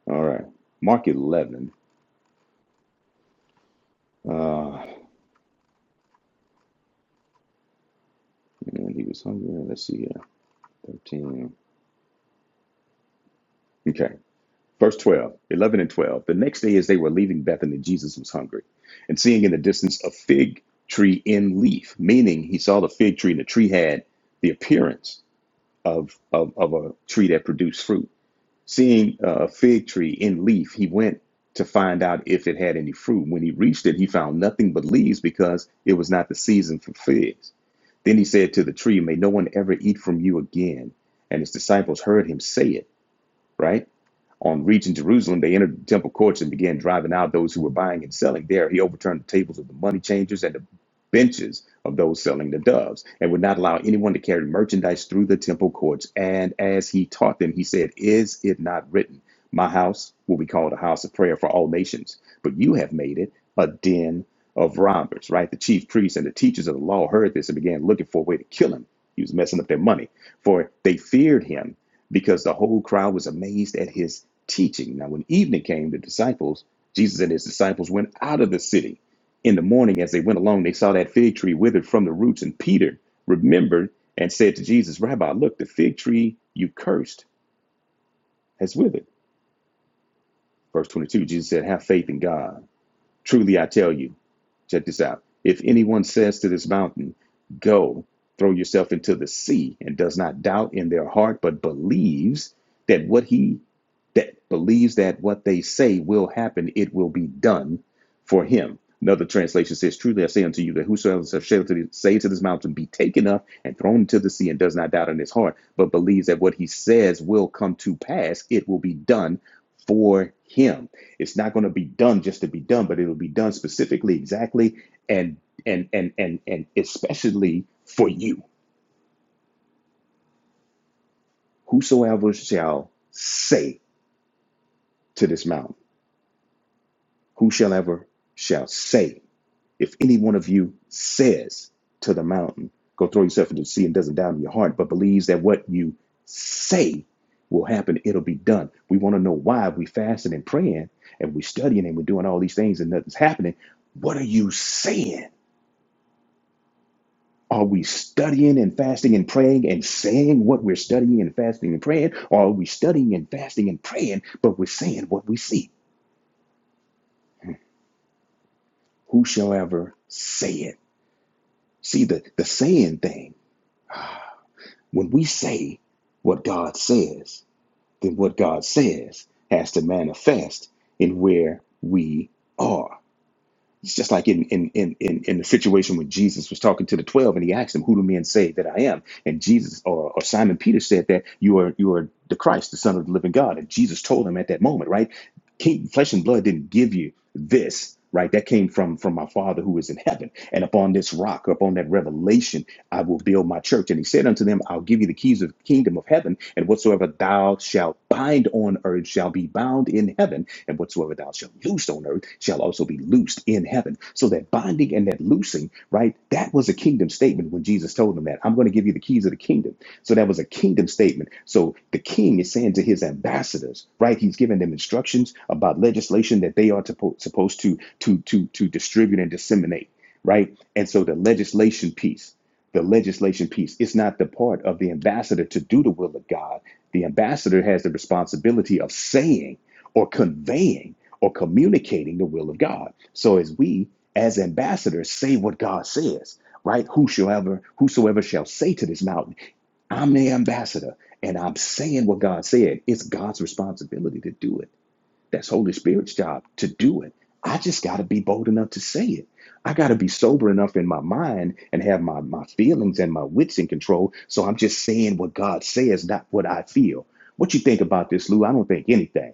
[SPEAKER 4] All right. Mark 11. Uh, and he was hungry. Let's see here. 13. Okay. Verse 12. 11 and 12. The next day, as they were leaving Bethany, Jesus was hungry. And seeing in the distance a fig tree in leaf, meaning he saw the fig tree and the tree had the appearance of, of, of a tree that produced fruit. Seeing a fig tree in leaf, he went to find out if it had any fruit. When he reached it, he found nothing but leaves because it was not the season for figs. Then he said to the tree, May no one ever eat from you again. And his disciples heard him say it, right? On reaching Jerusalem, they entered the temple courts and began driving out those who were buying and selling there. He overturned the tables of the money changers and the benches of those selling the doves, and would not allow anyone to carry merchandise through the temple courts. And as he taught them, he said, Is it not written, 'My house will be called a house of prayer for all nations, but you have made it a den of robbers, right? The chief priests and the teachers of the law heard this and began looking for a way to kill him. He was messing up their money, for they feared him because the whole crowd was amazed at his teaching. Now, when evening came, the disciples, Jesus and his disciples, went out of the city. In the morning, as they went along, they saw that fig tree withered from the roots, and Peter remembered and said to Jesus, Rabbi, look, the fig tree you cursed has withered. Verse 22, Jesus said, Have faith in God. Truly, I tell you, Check this out. If anyone says to this mountain, Go, throw yourself into the sea, and does not doubt in their heart, but believes that what he that believes that what they say will happen, it will be done for him. Another translation says, Truly I say unto you that whosoever shall say to this say mountain, be taken up and thrown into the sea, and does not doubt in his heart, but believes that what he says will come to pass, it will be done for him. It's not going to be done just to be done, but it'll be done specifically, exactly, and and and and and especially for you. Whosoever shall say to this mountain, whosoever shall say, if any one of you says to the mountain, go throw yourself into the sea and doesn't doubt in your heart, but believes that what you say will happen, it'll be done. We want to know why we fasting and praying and we studying and we're doing all these things and nothing's happening. What are you saying? Are we studying and fasting and praying and saying what we're studying and fasting and praying? Or are we studying and fasting and praying, but we're saying what we see? Who shall ever say it? See, the, the saying thing, when we say what God says, then what God says has to manifest in where we are. It's just like in in in in, in the situation when Jesus was talking to the twelve, and he asked them, "Who do men say that I am?" And Jesus or, or Simon Peter said that you are you are the Christ, the Son of the Living God. And Jesus told him at that moment, right? King, flesh and blood didn't give you this, right? That came from from my Father who is in heaven. And upon this rock, upon that revelation I will build my church. And he said unto them, I'll give you the keys of the kingdom of heaven, and whatsoever thou shalt bind on earth shall be bound in heaven, and whatsoever thou shalt loose on earth shall also be loosed in heaven. So that binding and that loosing, right, that was a kingdom statement when Jesus told them that. I'm going to give you the keys of the kingdom. So that was a kingdom statement. So the king is saying to his ambassadors, right, he's giving them instructions about legislation that they are to, supposed to, to, to, to distribute and disseminate right? And so the legislation piece the legislation piece. It's not the part of the ambassador to do the will of God. The ambassador has the responsibility of saying or conveying or communicating the will of God. So as we, as ambassadors, say what God says, right? Whosoever, whosoever shall say to this mountain, I'm the ambassador and I'm saying what God said, it's God's responsibility to do it. That's Holy Spirit's job to do it. I just got to be bold enough to say it. I got to be sober enough in my mind and have my, my feelings and my wits in control. So I'm just saying what God says, not what I feel. What you think about this, Lou? I don't think anything.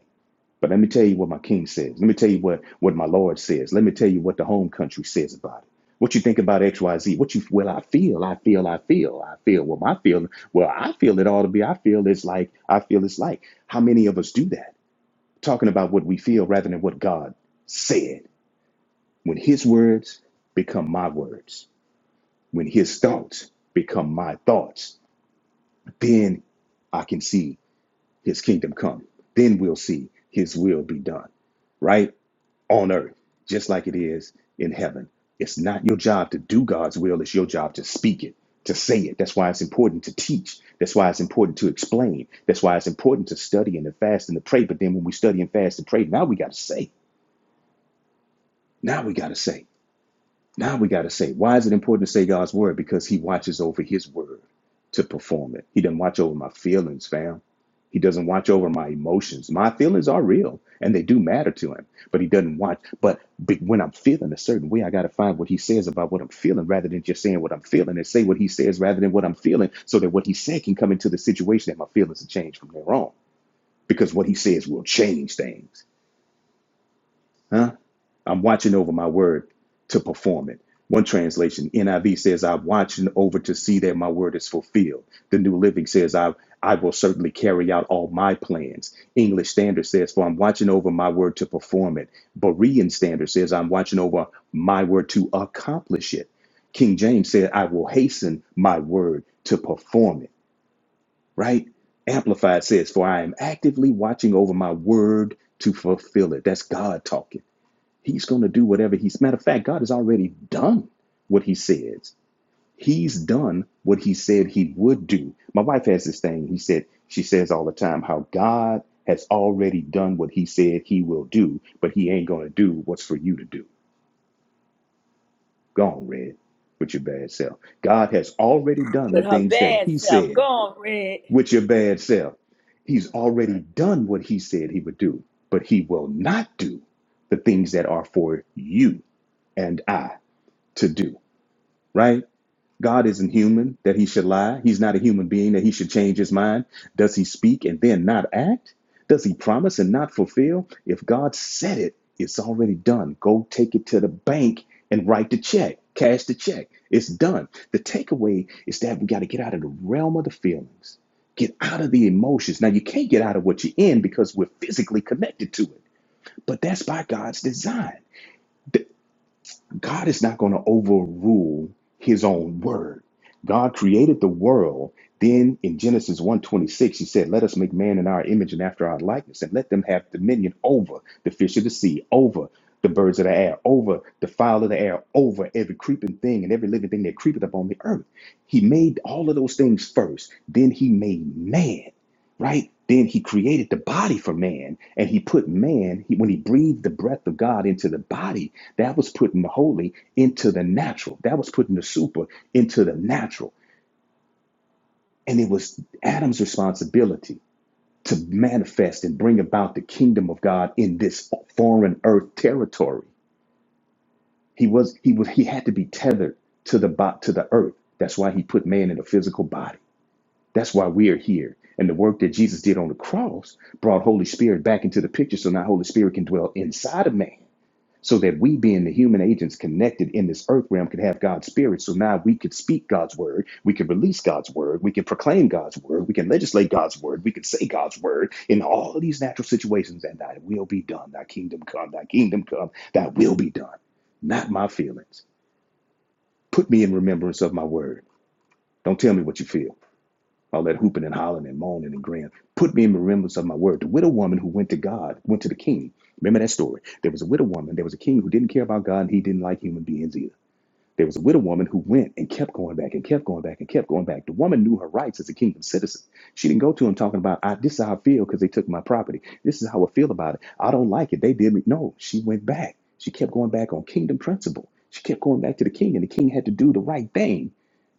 [SPEAKER 4] But let me tell you what my king says. Let me tell you what, what my Lord says. Let me tell you what the home country says about it. What you think about XYZ? What you well, I feel, I feel, I feel, I feel. Well, my feeling, well, I feel it ought to be. I feel it's like, I feel it's like. How many of us do that? talking about what we feel rather than what God said. When his words become my words, when his thoughts become my thoughts, then I can see his kingdom come. Then we'll see his will be done, right? On earth, just like it is in heaven. It's not your job to do God's will, it's your job to speak it, to say it. That's why it's important to teach. That's why it's important to explain. That's why it's important to study and to fast and to pray. But then when we study and fast and pray, now we got to say. Now we got to say. Now we got to say, why is it important to say God's word? Because he watches over his word to perform it. He doesn't watch over my feelings, fam. He doesn't watch over my emotions. My feelings are real and they do matter to him, but he doesn't watch. But be- when I'm feeling a certain way, I got to find what he says about what I'm feeling rather than just saying what I'm feeling and say what he says rather than what I'm feeling so that what he said can come into the situation and my feelings will change from there on because what he says will change things. Huh? I'm watching over my word to perform it. One translation, NIV says, I'm watching over to see that my word is fulfilled. The New Living says, I, I will certainly carry out all my plans. English Standard says, For I'm watching over my word to perform it. Berean Standard says, I'm watching over my word to accomplish it. King James said, I will hasten my word to perform it, right? Amplified says, For I am actively watching over my word to fulfill it. That's God talking. He's going to do whatever he's. Matter of fact, God has already done what he says. He's done what he said he would do. My wife has this thing. He said, she says all the time how God has already done what he said he will do, but he ain't going to do what's for you to do. Go on, Red, with your bad self. God has already done the
[SPEAKER 1] With her
[SPEAKER 4] things that
[SPEAKER 1] bad
[SPEAKER 4] he
[SPEAKER 1] self. Go
[SPEAKER 4] said
[SPEAKER 1] on, Red.
[SPEAKER 4] with your bad self. He's already done what he said he would do, but he will not do the things that are for you and I to do. right? God isn't human that he should lie. He's not a human being that he should change his mind. Does he speak and then not act? Does he promise and not fulfill? If God said it, it's already done. Go take it to the bank and write the check, cash the check. It's done. The takeaway is that we got to get out of the realm of the feelings, get out of the emotions. Now, you can't get out of what you're in because we're physically connected to it, but that's by God's design. God is not going to overrule his own word. God created the world. Then in Genesis 1:26, he said, Let us make man in our image and after our likeness, and let them have dominion over the fish of the sea, over the birds of the air, over the fowl of the air, over every creeping thing and every living thing that creepeth upon the earth. He made all of those things first. Then he made man, right? Then he created the body for man, and he put man, he, when he breathed the breath of God into the body, that was putting the holy into the natural. That was putting the super into the natural. And it was Adam's responsibility to manifest and bring about the kingdom of God in this foreign earth territory. He was he was he had to be tethered to the bo- to the earth. That's why he put man in a physical body. That's why we're here. And the work that Jesus did on the cross brought Holy Spirit back into the picture so now Holy Spirit can dwell inside of man. so that we, being the human agents connected in this earth realm, could have God's spirit. So now we could speak God's word, we could release God's word, we can proclaim God's word, we can legislate God's word, we can say God's word in all of these natural situations, and thy will be done. Thy kingdom come, thy kingdom come, thy will be done. Not my feelings. Put me in remembrance of my word. Don't tell me what you feel all that hooping and hollering and moaning and grin. Put me in remembrance of my word. The widow woman who went to God, went to the king. Remember that story. There was a widow woman, there was a king who didn't care about God and he didn't like human beings either. There was a widow woman who went and kept going back and kept going back and kept going back. The woman knew her rights as a kingdom citizen. She didn't go to him talking about, I, this is how I feel because they took my property. This is how I feel about it. I don't like it. They did me. No, she went back. She kept going back on kingdom principle. She kept going back to the king, and the king had to do the right thing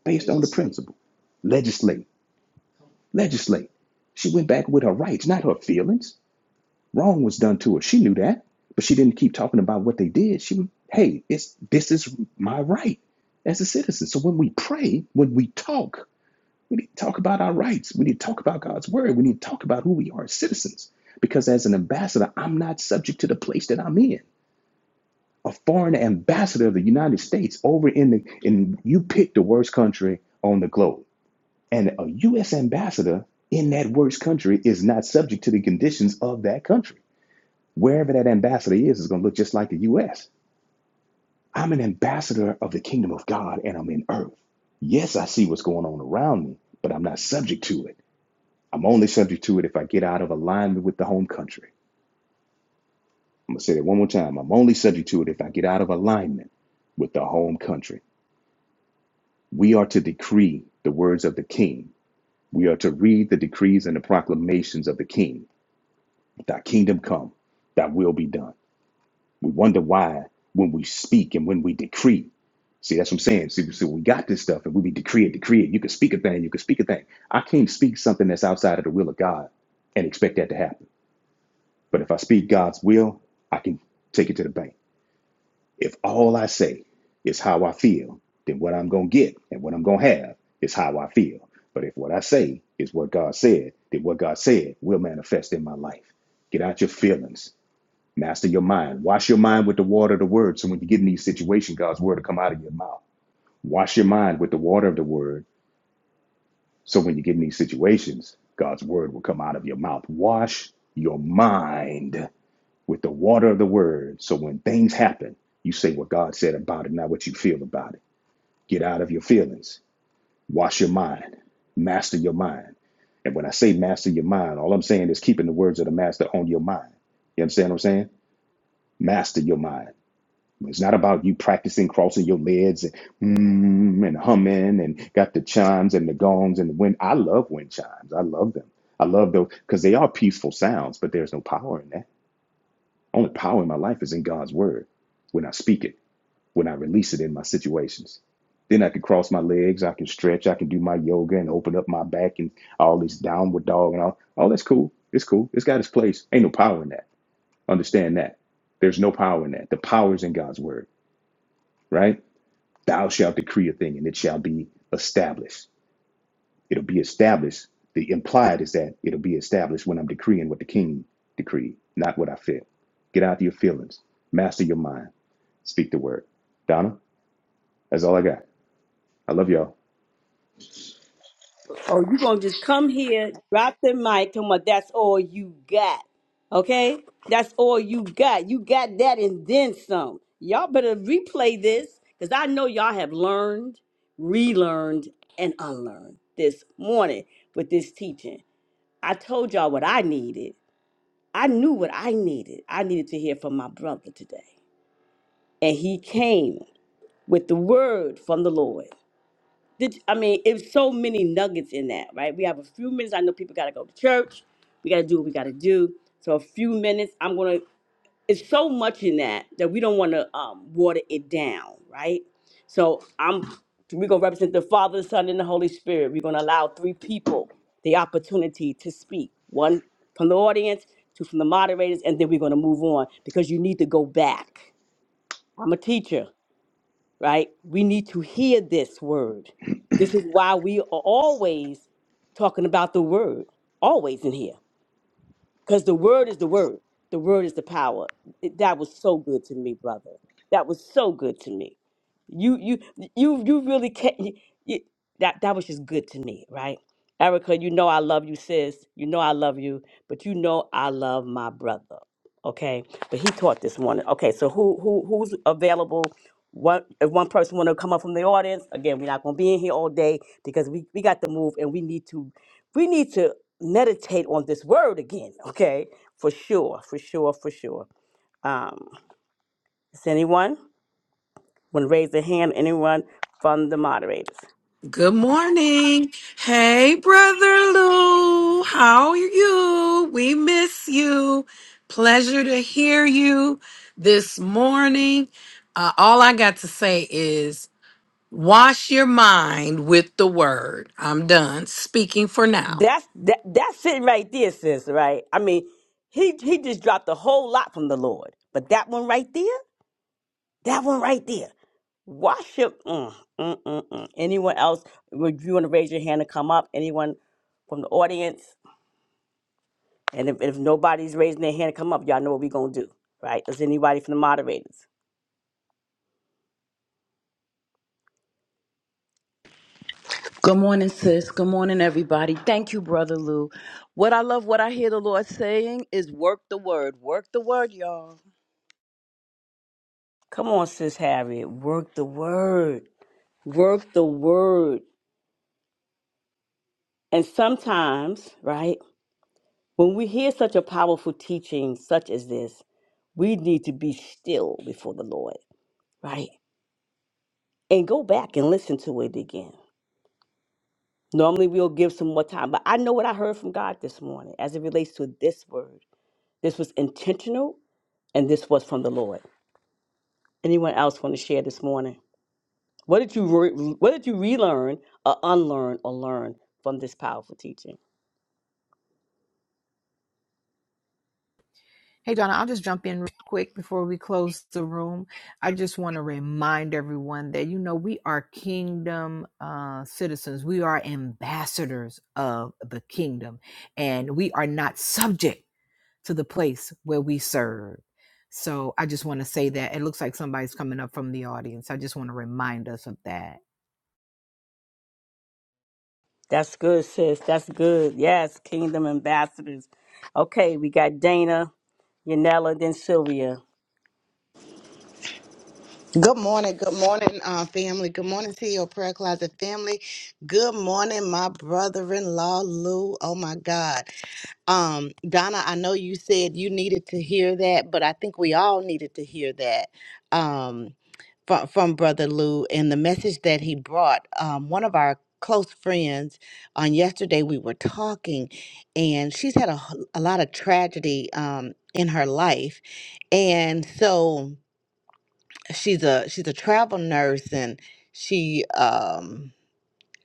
[SPEAKER 4] based on the principle. Legislate legislate. She went back with her rights, not her feelings. Wrong was done to her. She knew that, but she didn't keep talking about what they did. She was, hey, it's this is my right as a citizen. So when we pray, when we talk, we need to talk about our rights. We need to talk about God's word. We need to talk about who we are as citizens. Because as an ambassador, I'm not subject to the place that I'm in. A foreign ambassador of the United States over in the and you pick the worst country on the globe. And a U.S. ambassador in that worst country is not subject to the conditions of that country. Wherever that ambassador is, is going to look just like the U.S. I'm an ambassador of the kingdom of God and I'm in earth. Yes, I see what's going on around me, but I'm not subject to it. I'm only subject to it if I get out of alignment with the home country. I'm going to say that one more time. I'm only subject to it if I get out of alignment with the home country. We are to decree the words of the king. We are to read the decrees and the proclamations of the king. Thy kingdom come, thy will be done. We wonder why when we speak and when we decree. See, that's what I'm saying. See, see we got this stuff and we be decree it, decree it. You can speak a thing, you can speak a thing. I can't speak something that's outside of the will of God and expect that to happen. But if I speak God's will, I can take it to the bank. If all I say is how I feel, then what I'm going to get and what I'm going to have is how I feel. But if what I say is what God said, then what God said will manifest in my life. Get out your feelings Master your mind. Wash your mind with the water of the word. So when you get in these situations, God's word will come out of your mouth. Wash your mind with the water of the word. So when you get in these situations, God's word will come out of your mouth. Wash your mind with the water of the word. So when things happen, you say what God said about it, not what you feel about it. Get out of your feelings. Wash your mind. Master your mind. And when I say master your mind, all I'm saying is keeping the words of the master on your mind. You understand what I'm saying? Master your mind. It's not about you practicing crossing your legs and mm, and humming and got the chimes and the gongs and the wind. I love wind chimes. I love them. I love those because they are peaceful sounds, but there's no power in that. Only power in my life is in God's word when I speak it, when I release it in my situations. Then I can cross my legs, I can stretch, I can do my yoga and open up my back and all this downward dog and all. Oh, that's cool. It's cool. It's got its place. Ain't no power in that. Understand that. There's no power in that. The power is in God's word, right? thou shalt decree a thing and it shall be established. It'll be established. The implied is that it'll be established when I'm decreeing what the king decreed, not what I feel. Get out of your feelings, master your mind, speak the word. Donna, that's all I got. I love y'all.
[SPEAKER 1] Oh, you gonna just come here, drop the mic, talking about that's all you got. Okay? That's all you got. You got that and then some. Y'all better replay this because I know y'all have learned, relearned, and unlearned this morning with this teaching. I told y'all what I needed. I knew what I needed. I needed to hear from my brother today. And he came with the word from the Lord. Did I mean it's so many nuggets in that, right? We have a few minutes. I know people gotta go to church. We gotta do what we gotta do. So a few minutes. I'm gonna. It's so much in that that we don't want to um, water it down, right? So I'm. We're gonna represent the Father, the Son, and the Holy Spirit. We're gonna allow three people the opportunity to speak. One from the audience, two from the moderators, and then we're gonna move on because you need to go back. I'm a teacher right? We need to hear this word. This is why we are always talking about the word, always in here. Because the word is the word. The word is the power. It- that was so good to me, brother. That was so good to me. You you you you really can't. You, you, that that was just good to me, right? Erica, you know I love you, sis. You know I love you, but you know I love my brother. Okay, but he taught this morning. Okay, so who who who's available? One if one person want to come up from the audience again, we're not gonna be in here all day because we we got to move and we need to we need to meditate on this word again, okay? For sure, for sure, for sure. Um, is anyone want to raise their hand? Anyone from the moderators?
[SPEAKER 2] Good morning. Hey, Brother Lou. How are you? We miss you. Pleasure to hear you this morning. Uh, all I got to say is Wash your mind with the word. I'm done speaking for now.
[SPEAKER 1] That's that, that's it right there, sis. Right? I mean, he he just dropped a whole lot from the Lord, but that one right there, that one right there. Wash your mm, mm, mm, mm. Anyone else? Would you want to raise your hand and come up? Anyone from the audience? And if, if nobody's raising their hand to come up, y'all know what we're going to do, right? Is anybody from the moderators?
[SPEAKER 5] Good morning, sis. Good morning, everybody. Thank you, Brother Lou. What I love, what I hear the Lord saying is work the word. Work the word, y'all.
[SPEAKER 1] Come on, Sis Harriet. Work the word. Work the word. And sometimes, right, when we hear such a powerful teaching such as this, we need to be still before the Lord, right? And go back and listen to it again. Normally, we'll give some more time, but I know what I heard from God this morning as it relates to this word. This was intentional and this was from the Lord. Anyone else want to share this morning? What did you re- What did you relearn or unlearn or learn from this powerful teaching?
[SPEAKER 6] Hey, Donna, I'll just jump in real quick before we close the room. I just want to remind everyone that, you know, we are kingdom uh, citizens, we are ambassadors of the kingdom, and we are not subject to the place where we serve. So I just want to say that it looks like somebody's coming up from the audience. I just want to remind us of that.
[SPEAKER 1] That's good, sis. That's good. Yes, Kingdom Ambassadors. Okay, we got Dana, Yanela, then Sylvia.
[SPEAKER 7] Good morning, good morning, uh, family. Good morning to your prayer closet family. Good morning, my brother-in-law Lou. Oh my God, um, Donna. I know you said you needed to hear that, but I think we all needed to hear that um, from from Brother Lou and the message that he brought. Um, one of our close friends on yesterday we were talking, and she's had a, h- a lot of tragedy um, in her life, and so she's a she's a travel nurse and she um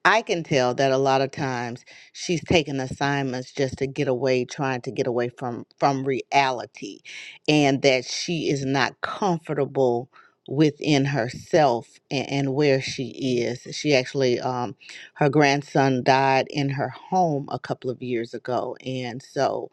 [SPEAKER 7] I can tell that a lot of times she's taking assignments just to get away, trying to get away from from reality and that she is not comfortable within herself and, and where she is. She actually um her grandson died in her home a couple of years ago and so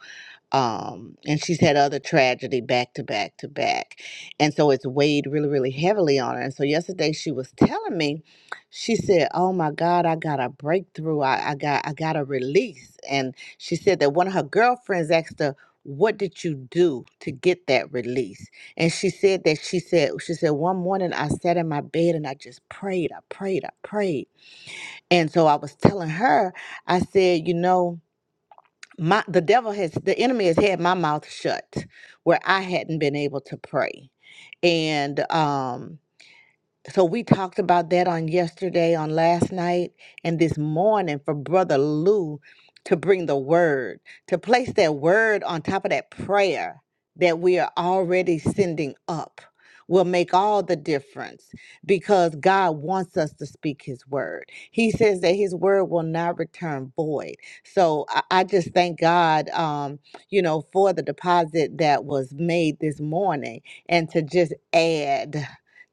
[SPEAKER 7] um, and she's had other tragedy back to back to back, and so it's weighed really really heavily on her. And so yesterday she was telling me, she said, "Oh my God, I got a breakthrough. I, I got I got a release." And she said that one of her girlfriends asked her. What did you do to get that release? And she said that she said she said one morning I sat in my bed and I just prayed, I prayed, I prayed. And so I was telling her, I said, you know, my the devil has the enemy has had my mouth shut where I hadn't been able to pray. And um so we talked about that on yesterday, on last night, and this morning for Brother Lou to bring the word, to place that word on top of that prayer that we are already sending up will make all the difference because God wants us to speak his word. He says that his word will not return void. So I, I just thank God um, you know, for the deposit that was made this morning and to just add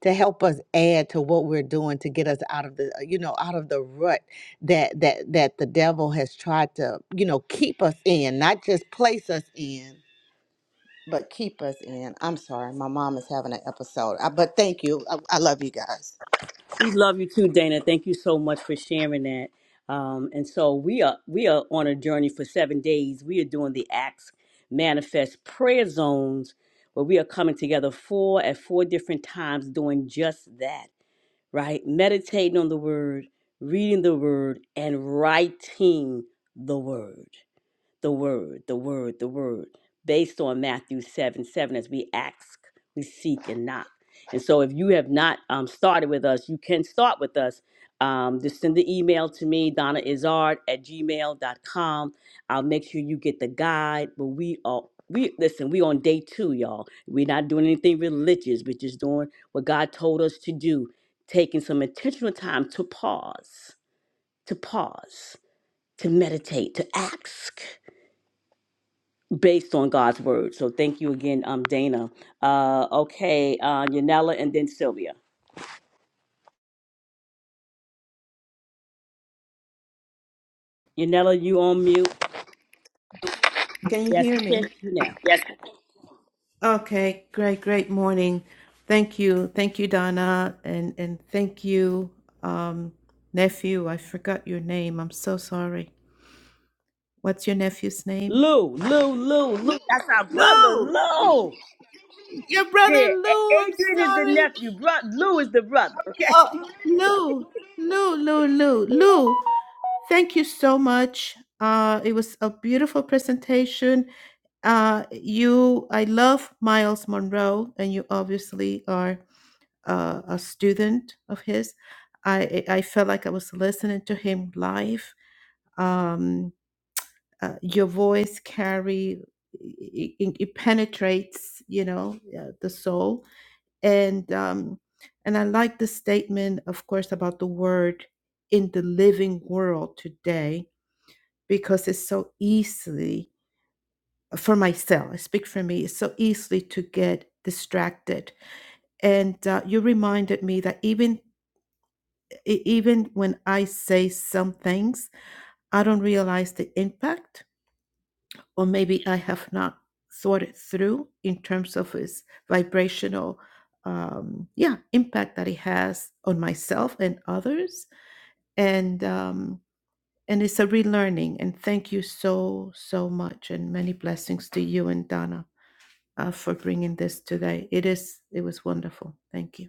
[SPEAKER 7] to help us add to what we're doing to get us out of the uh, you know out of the rut that that that the devil has tried to you know keep us in not just place us in but keep us in i'm sorry my mom is having an episode I, but thank you I, I love you guys
[SPEAKER 1] We love you too, Dana. Thank you so much for sharing that. Um, and so we are we are on a journey for seven days. We are doing the Acts Manifest Prayer Zones, where we are coming together four at four different times, doing just that right? Meditating on the word, reading the word, and writing the word the word, the word, the word, based on Matthew 7 7, as we ask, we seek, and knock. And so, if you have not um, started with us, you can start with us. Um, just send the email to me, Donna Izard at gmail dot com. I'll make sure you get the guide. But we are, we listen, we on day two, y'all. We're not doing anything religious, we're just doing what God told us to do, taking some intentional time to pause, to pause, to meditate, to ask based on God's word. So thank you again, um, Dana. Uh, okay, uh, Yanela and then Sylvia. Yanela, you on mute?
[SPEAKER 8] Can you
[SPEAKER 1] Yes,
[SPEAKER 8] hear
[SPEAKER 1] we can
[SPEAKER 8] me?
[SPEAKER 1] hear you now.
[SPEAKER 8] Okay, great, great morning. Thank you. Thank you, Donna. And and thank you, um, nephew. I forgot your name. I'm so sorry. What's your nephew's name?
[SPEAKER 1] Lou, Lou, Lou, Lou. That's our brother,
[SPEAKER 8] Lou!
[SPEAKER 1] Lou.
[SPEAKER 8] Your brother
[SPEAKER 1] Yeah, A-
[SPEAKER 8] Lou, I'm
[SPEAKER 1] Adrian is the
[SPEAKER 8] sorry.
[SPEAKER 1] nephew. Bro- Lou is the brother. Okay.
[SPEAKER 8] Oh Lou, Lou, Lou, Lou, Lou. Thank you so much. Uh, it was a beautiful presentation. Uh, you, I love Miles Monroe, and you obviously are. uh, a student of his. I I felt like I was listening to him live. Um, uh, your voice carry it, it it penetrates, you know, uh, the soul, and um, and I like the statement, of course, about the word in the living world today because it's so easily for myself. I speak for me. It's so easily to get distracted, and uh, you reminded me that even E- even when I say some things, I don't realize the impact, or maybe I have not thought it through in terms of its vibrational, um, yeah, impact that it has on myself and others. And um, and it's a relearning. And thank you so so much, and many blessings to you and Donna uh, for bringing this today. It is it was wonderful. Thank you.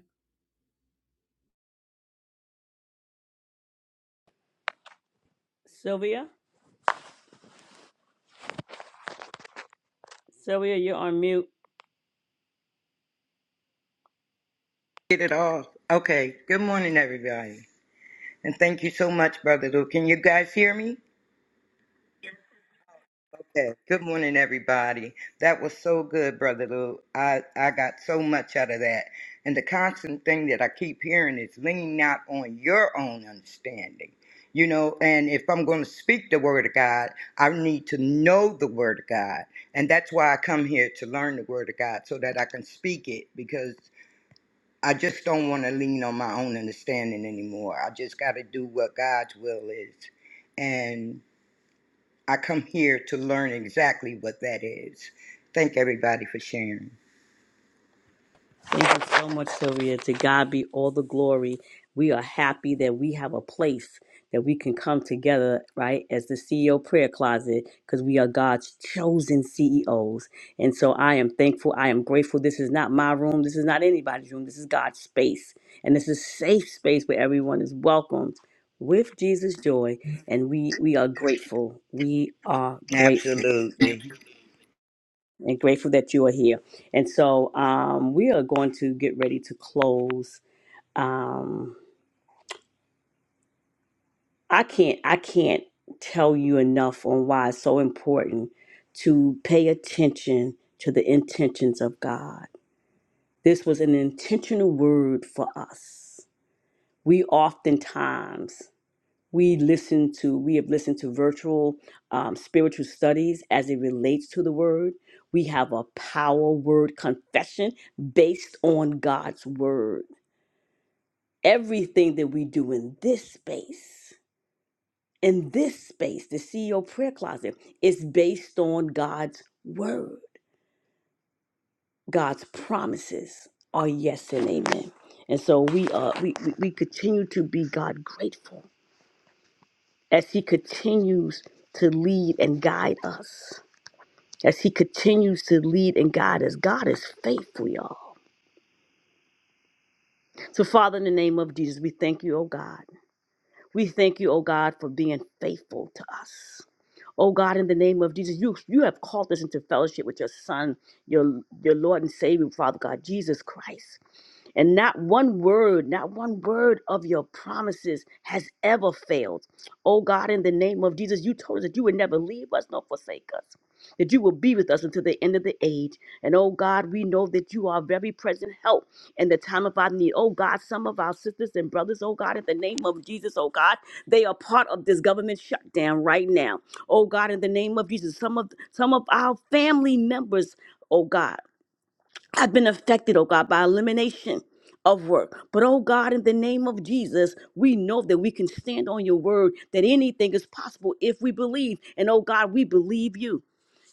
[SPEAKER 1] Sylvia, Sylvia, you're on mute.
[SPEAKER 9] Get it off. Okay. Good morning, everybody. And thank you so much, Brother Lou. Can you guys hear me? Okay. Good morning, everybody. That was so good, Brother Lou. I, I got so much out of that. And the constant thing that I keep hearing is lean not on your own understanding. You know, and if I'm going to speak the Word of God, I need to know the Word of God. And that's why I come here to learn the Word of God so that I can speak it because. I just don't want to lean on my own understanding anymore. I just got to do what God's will is. And I come here to learn exactly what that is. Thank everybody for sharing.
[SPEAKER 1] Thank you so much, Sylvia. To God be all the glory. We are happy that we have a place that we can come together, right, as the CEO prayer closet, because we are God's chosen CEOs. And so I am thankful. I am grateful. This is not my room. This is not anybody's room. This is God's space. And this is safe space where everyone is welcomed with Jesus' joy. And we we are grateful. We are grateful
[SPEAKER 9] Absolutely.
[SPEAKER 1] and grateful that you are here. And so um, we are going to get ready to close. Um, I can't I can't tell you enough on why it's so important to pay attention to the intentions of God. This was an intentional word for us. We oftentimes we listen to we have listened to virtual um, spiritual studies as it relates to the word we have a power word confession based on god's word everything that we do in this space in this space the ceo prayer closet is based on god's word god's promises are yes and amen and so we uh we we, we continue to be god grateful as he continues to lead and guide us as he continues to lead and guide us. God is faithful, y'all. So, Father, in the name of Jesus, we thank you, oh God. We thank you, oh God, for being faithful to us. Oh God, in the name of Jesus, you you have called us into fellowship with your Son, your your Lord and Savior, Father God, Jesus Christ. And not one word, not one word of your promises has ever failed. Oh God, in the name of Jesus, you told us that you would never leave us nor forsake us, that you will be with us until the end of the age. And oh God, we know that you are very present help in the time of our need. Oh God, some of our sisters and brothers, oh God, in the name of Jesus, oh God, they are part of this government shutdown right now. Oh God, in the name of Jesus, some of some of our family members, oh God. I've been affected, oh God, by elimination of work. But oh God, in the name of Jesus, we know that we can stand on your word, that anything is possible if we believe. And oh God, we believe you.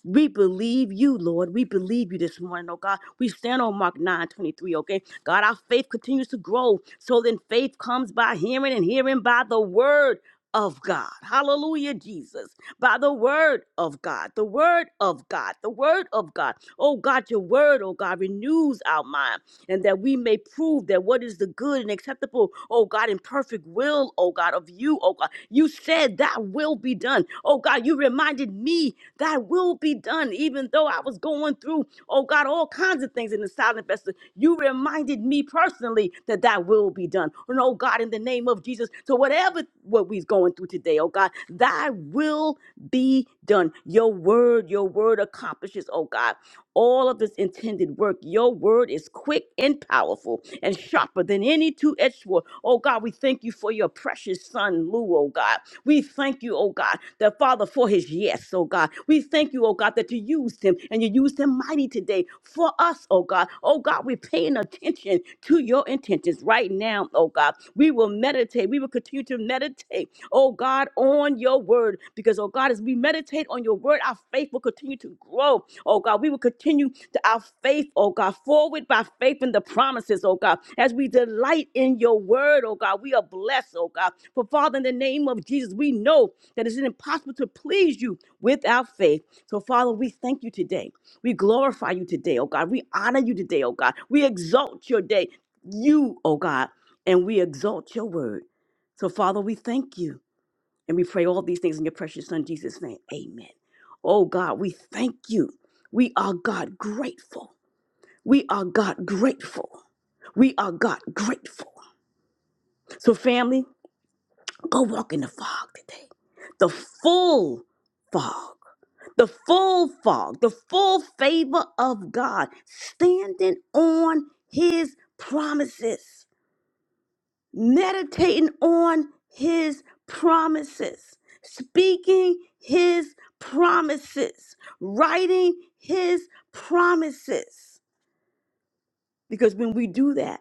[SPEAKER 1] We believe you, Lord. We believe you this morning, oh God. We stand on Mark 9 23. okay? God, our faith continues to grow. So then faith comes by hearing and hearing by the word of God. Hallelujah, Jesus. By the word of God, the word of God, the word of God. Oh God, your word, oh God, renews our mind and that we may prove that what is the good and acceptable, oh God, and perfect will, oh God, of you, oh God. You said that will be done. Oh God, you reminded me that will be done, even though I was going through, oh God, all kinds of things in the silent vessel. You reminded me personally that that will be done. And oh God, in the name of Jesus, so whatever what we're going through today, oh God, thy will be done. Your word, your word accomplishes, oh God all of its intended work. Your word is quick and powerful and sharper than any two edged sword. Oh God, we thank you for your precious son, Lou, oh God. We thank you, oh God, the Father, for his yes, oh God. We thank you, oh God, that you used him and you used him mighty today for us, oh God. Oh God, we're paying attention to your intentions right now, oh God. We will meditate. We will continue to meditate, oh God, on your word because, oh oh God, as we meditate on your word, our faith will continue to grow. Oh God, we will continue to our faith, oh God, forward by faith in the promises, oh God. As we delight in your word, oh God, we are blessed, oh God. For Father, in the name of Jesus, we know that it's impossible to please you without faith. So, Father, we thank you today. We glorify you today, oh God. We honor you today, oh God. We exalt your day, you, oh God, and we exalt your word. So, Father, we thank you. And we pray all these things in your precious Son, Jesus' name. Amen. Oh God, we thank you. We are God grateful. We are God grateful. We are God grateful. So, family, go walk in the fog today. The full fog, the full fog, the full favor of God, standing on his promises. meditating on his promises, speaking his promises, writing his promises. Because when we do that,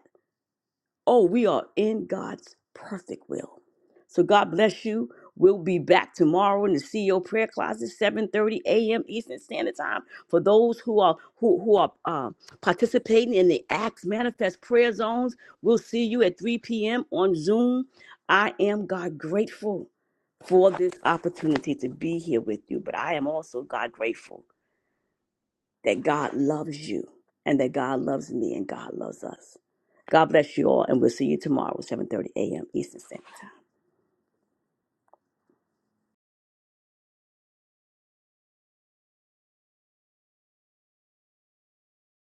[SPEAKER 1] Oh, we are in God's perfect will. So God bless you. We'll be back tomorrow in the CEO prayer closet, 7:30 a.m. Eastern Standard Time. For those who are who who are uh, participating in the Acts Manifest Prayer Zones, we'll see you at 3 p.m. on Zoom. I am God grateful for this opportunity to be here with you, but I am also God grateful that God loves you and that God loves me and God loves us. God bless you all, and we'll see you tomorrow at 7.30 a.m. Eastern Standard Time.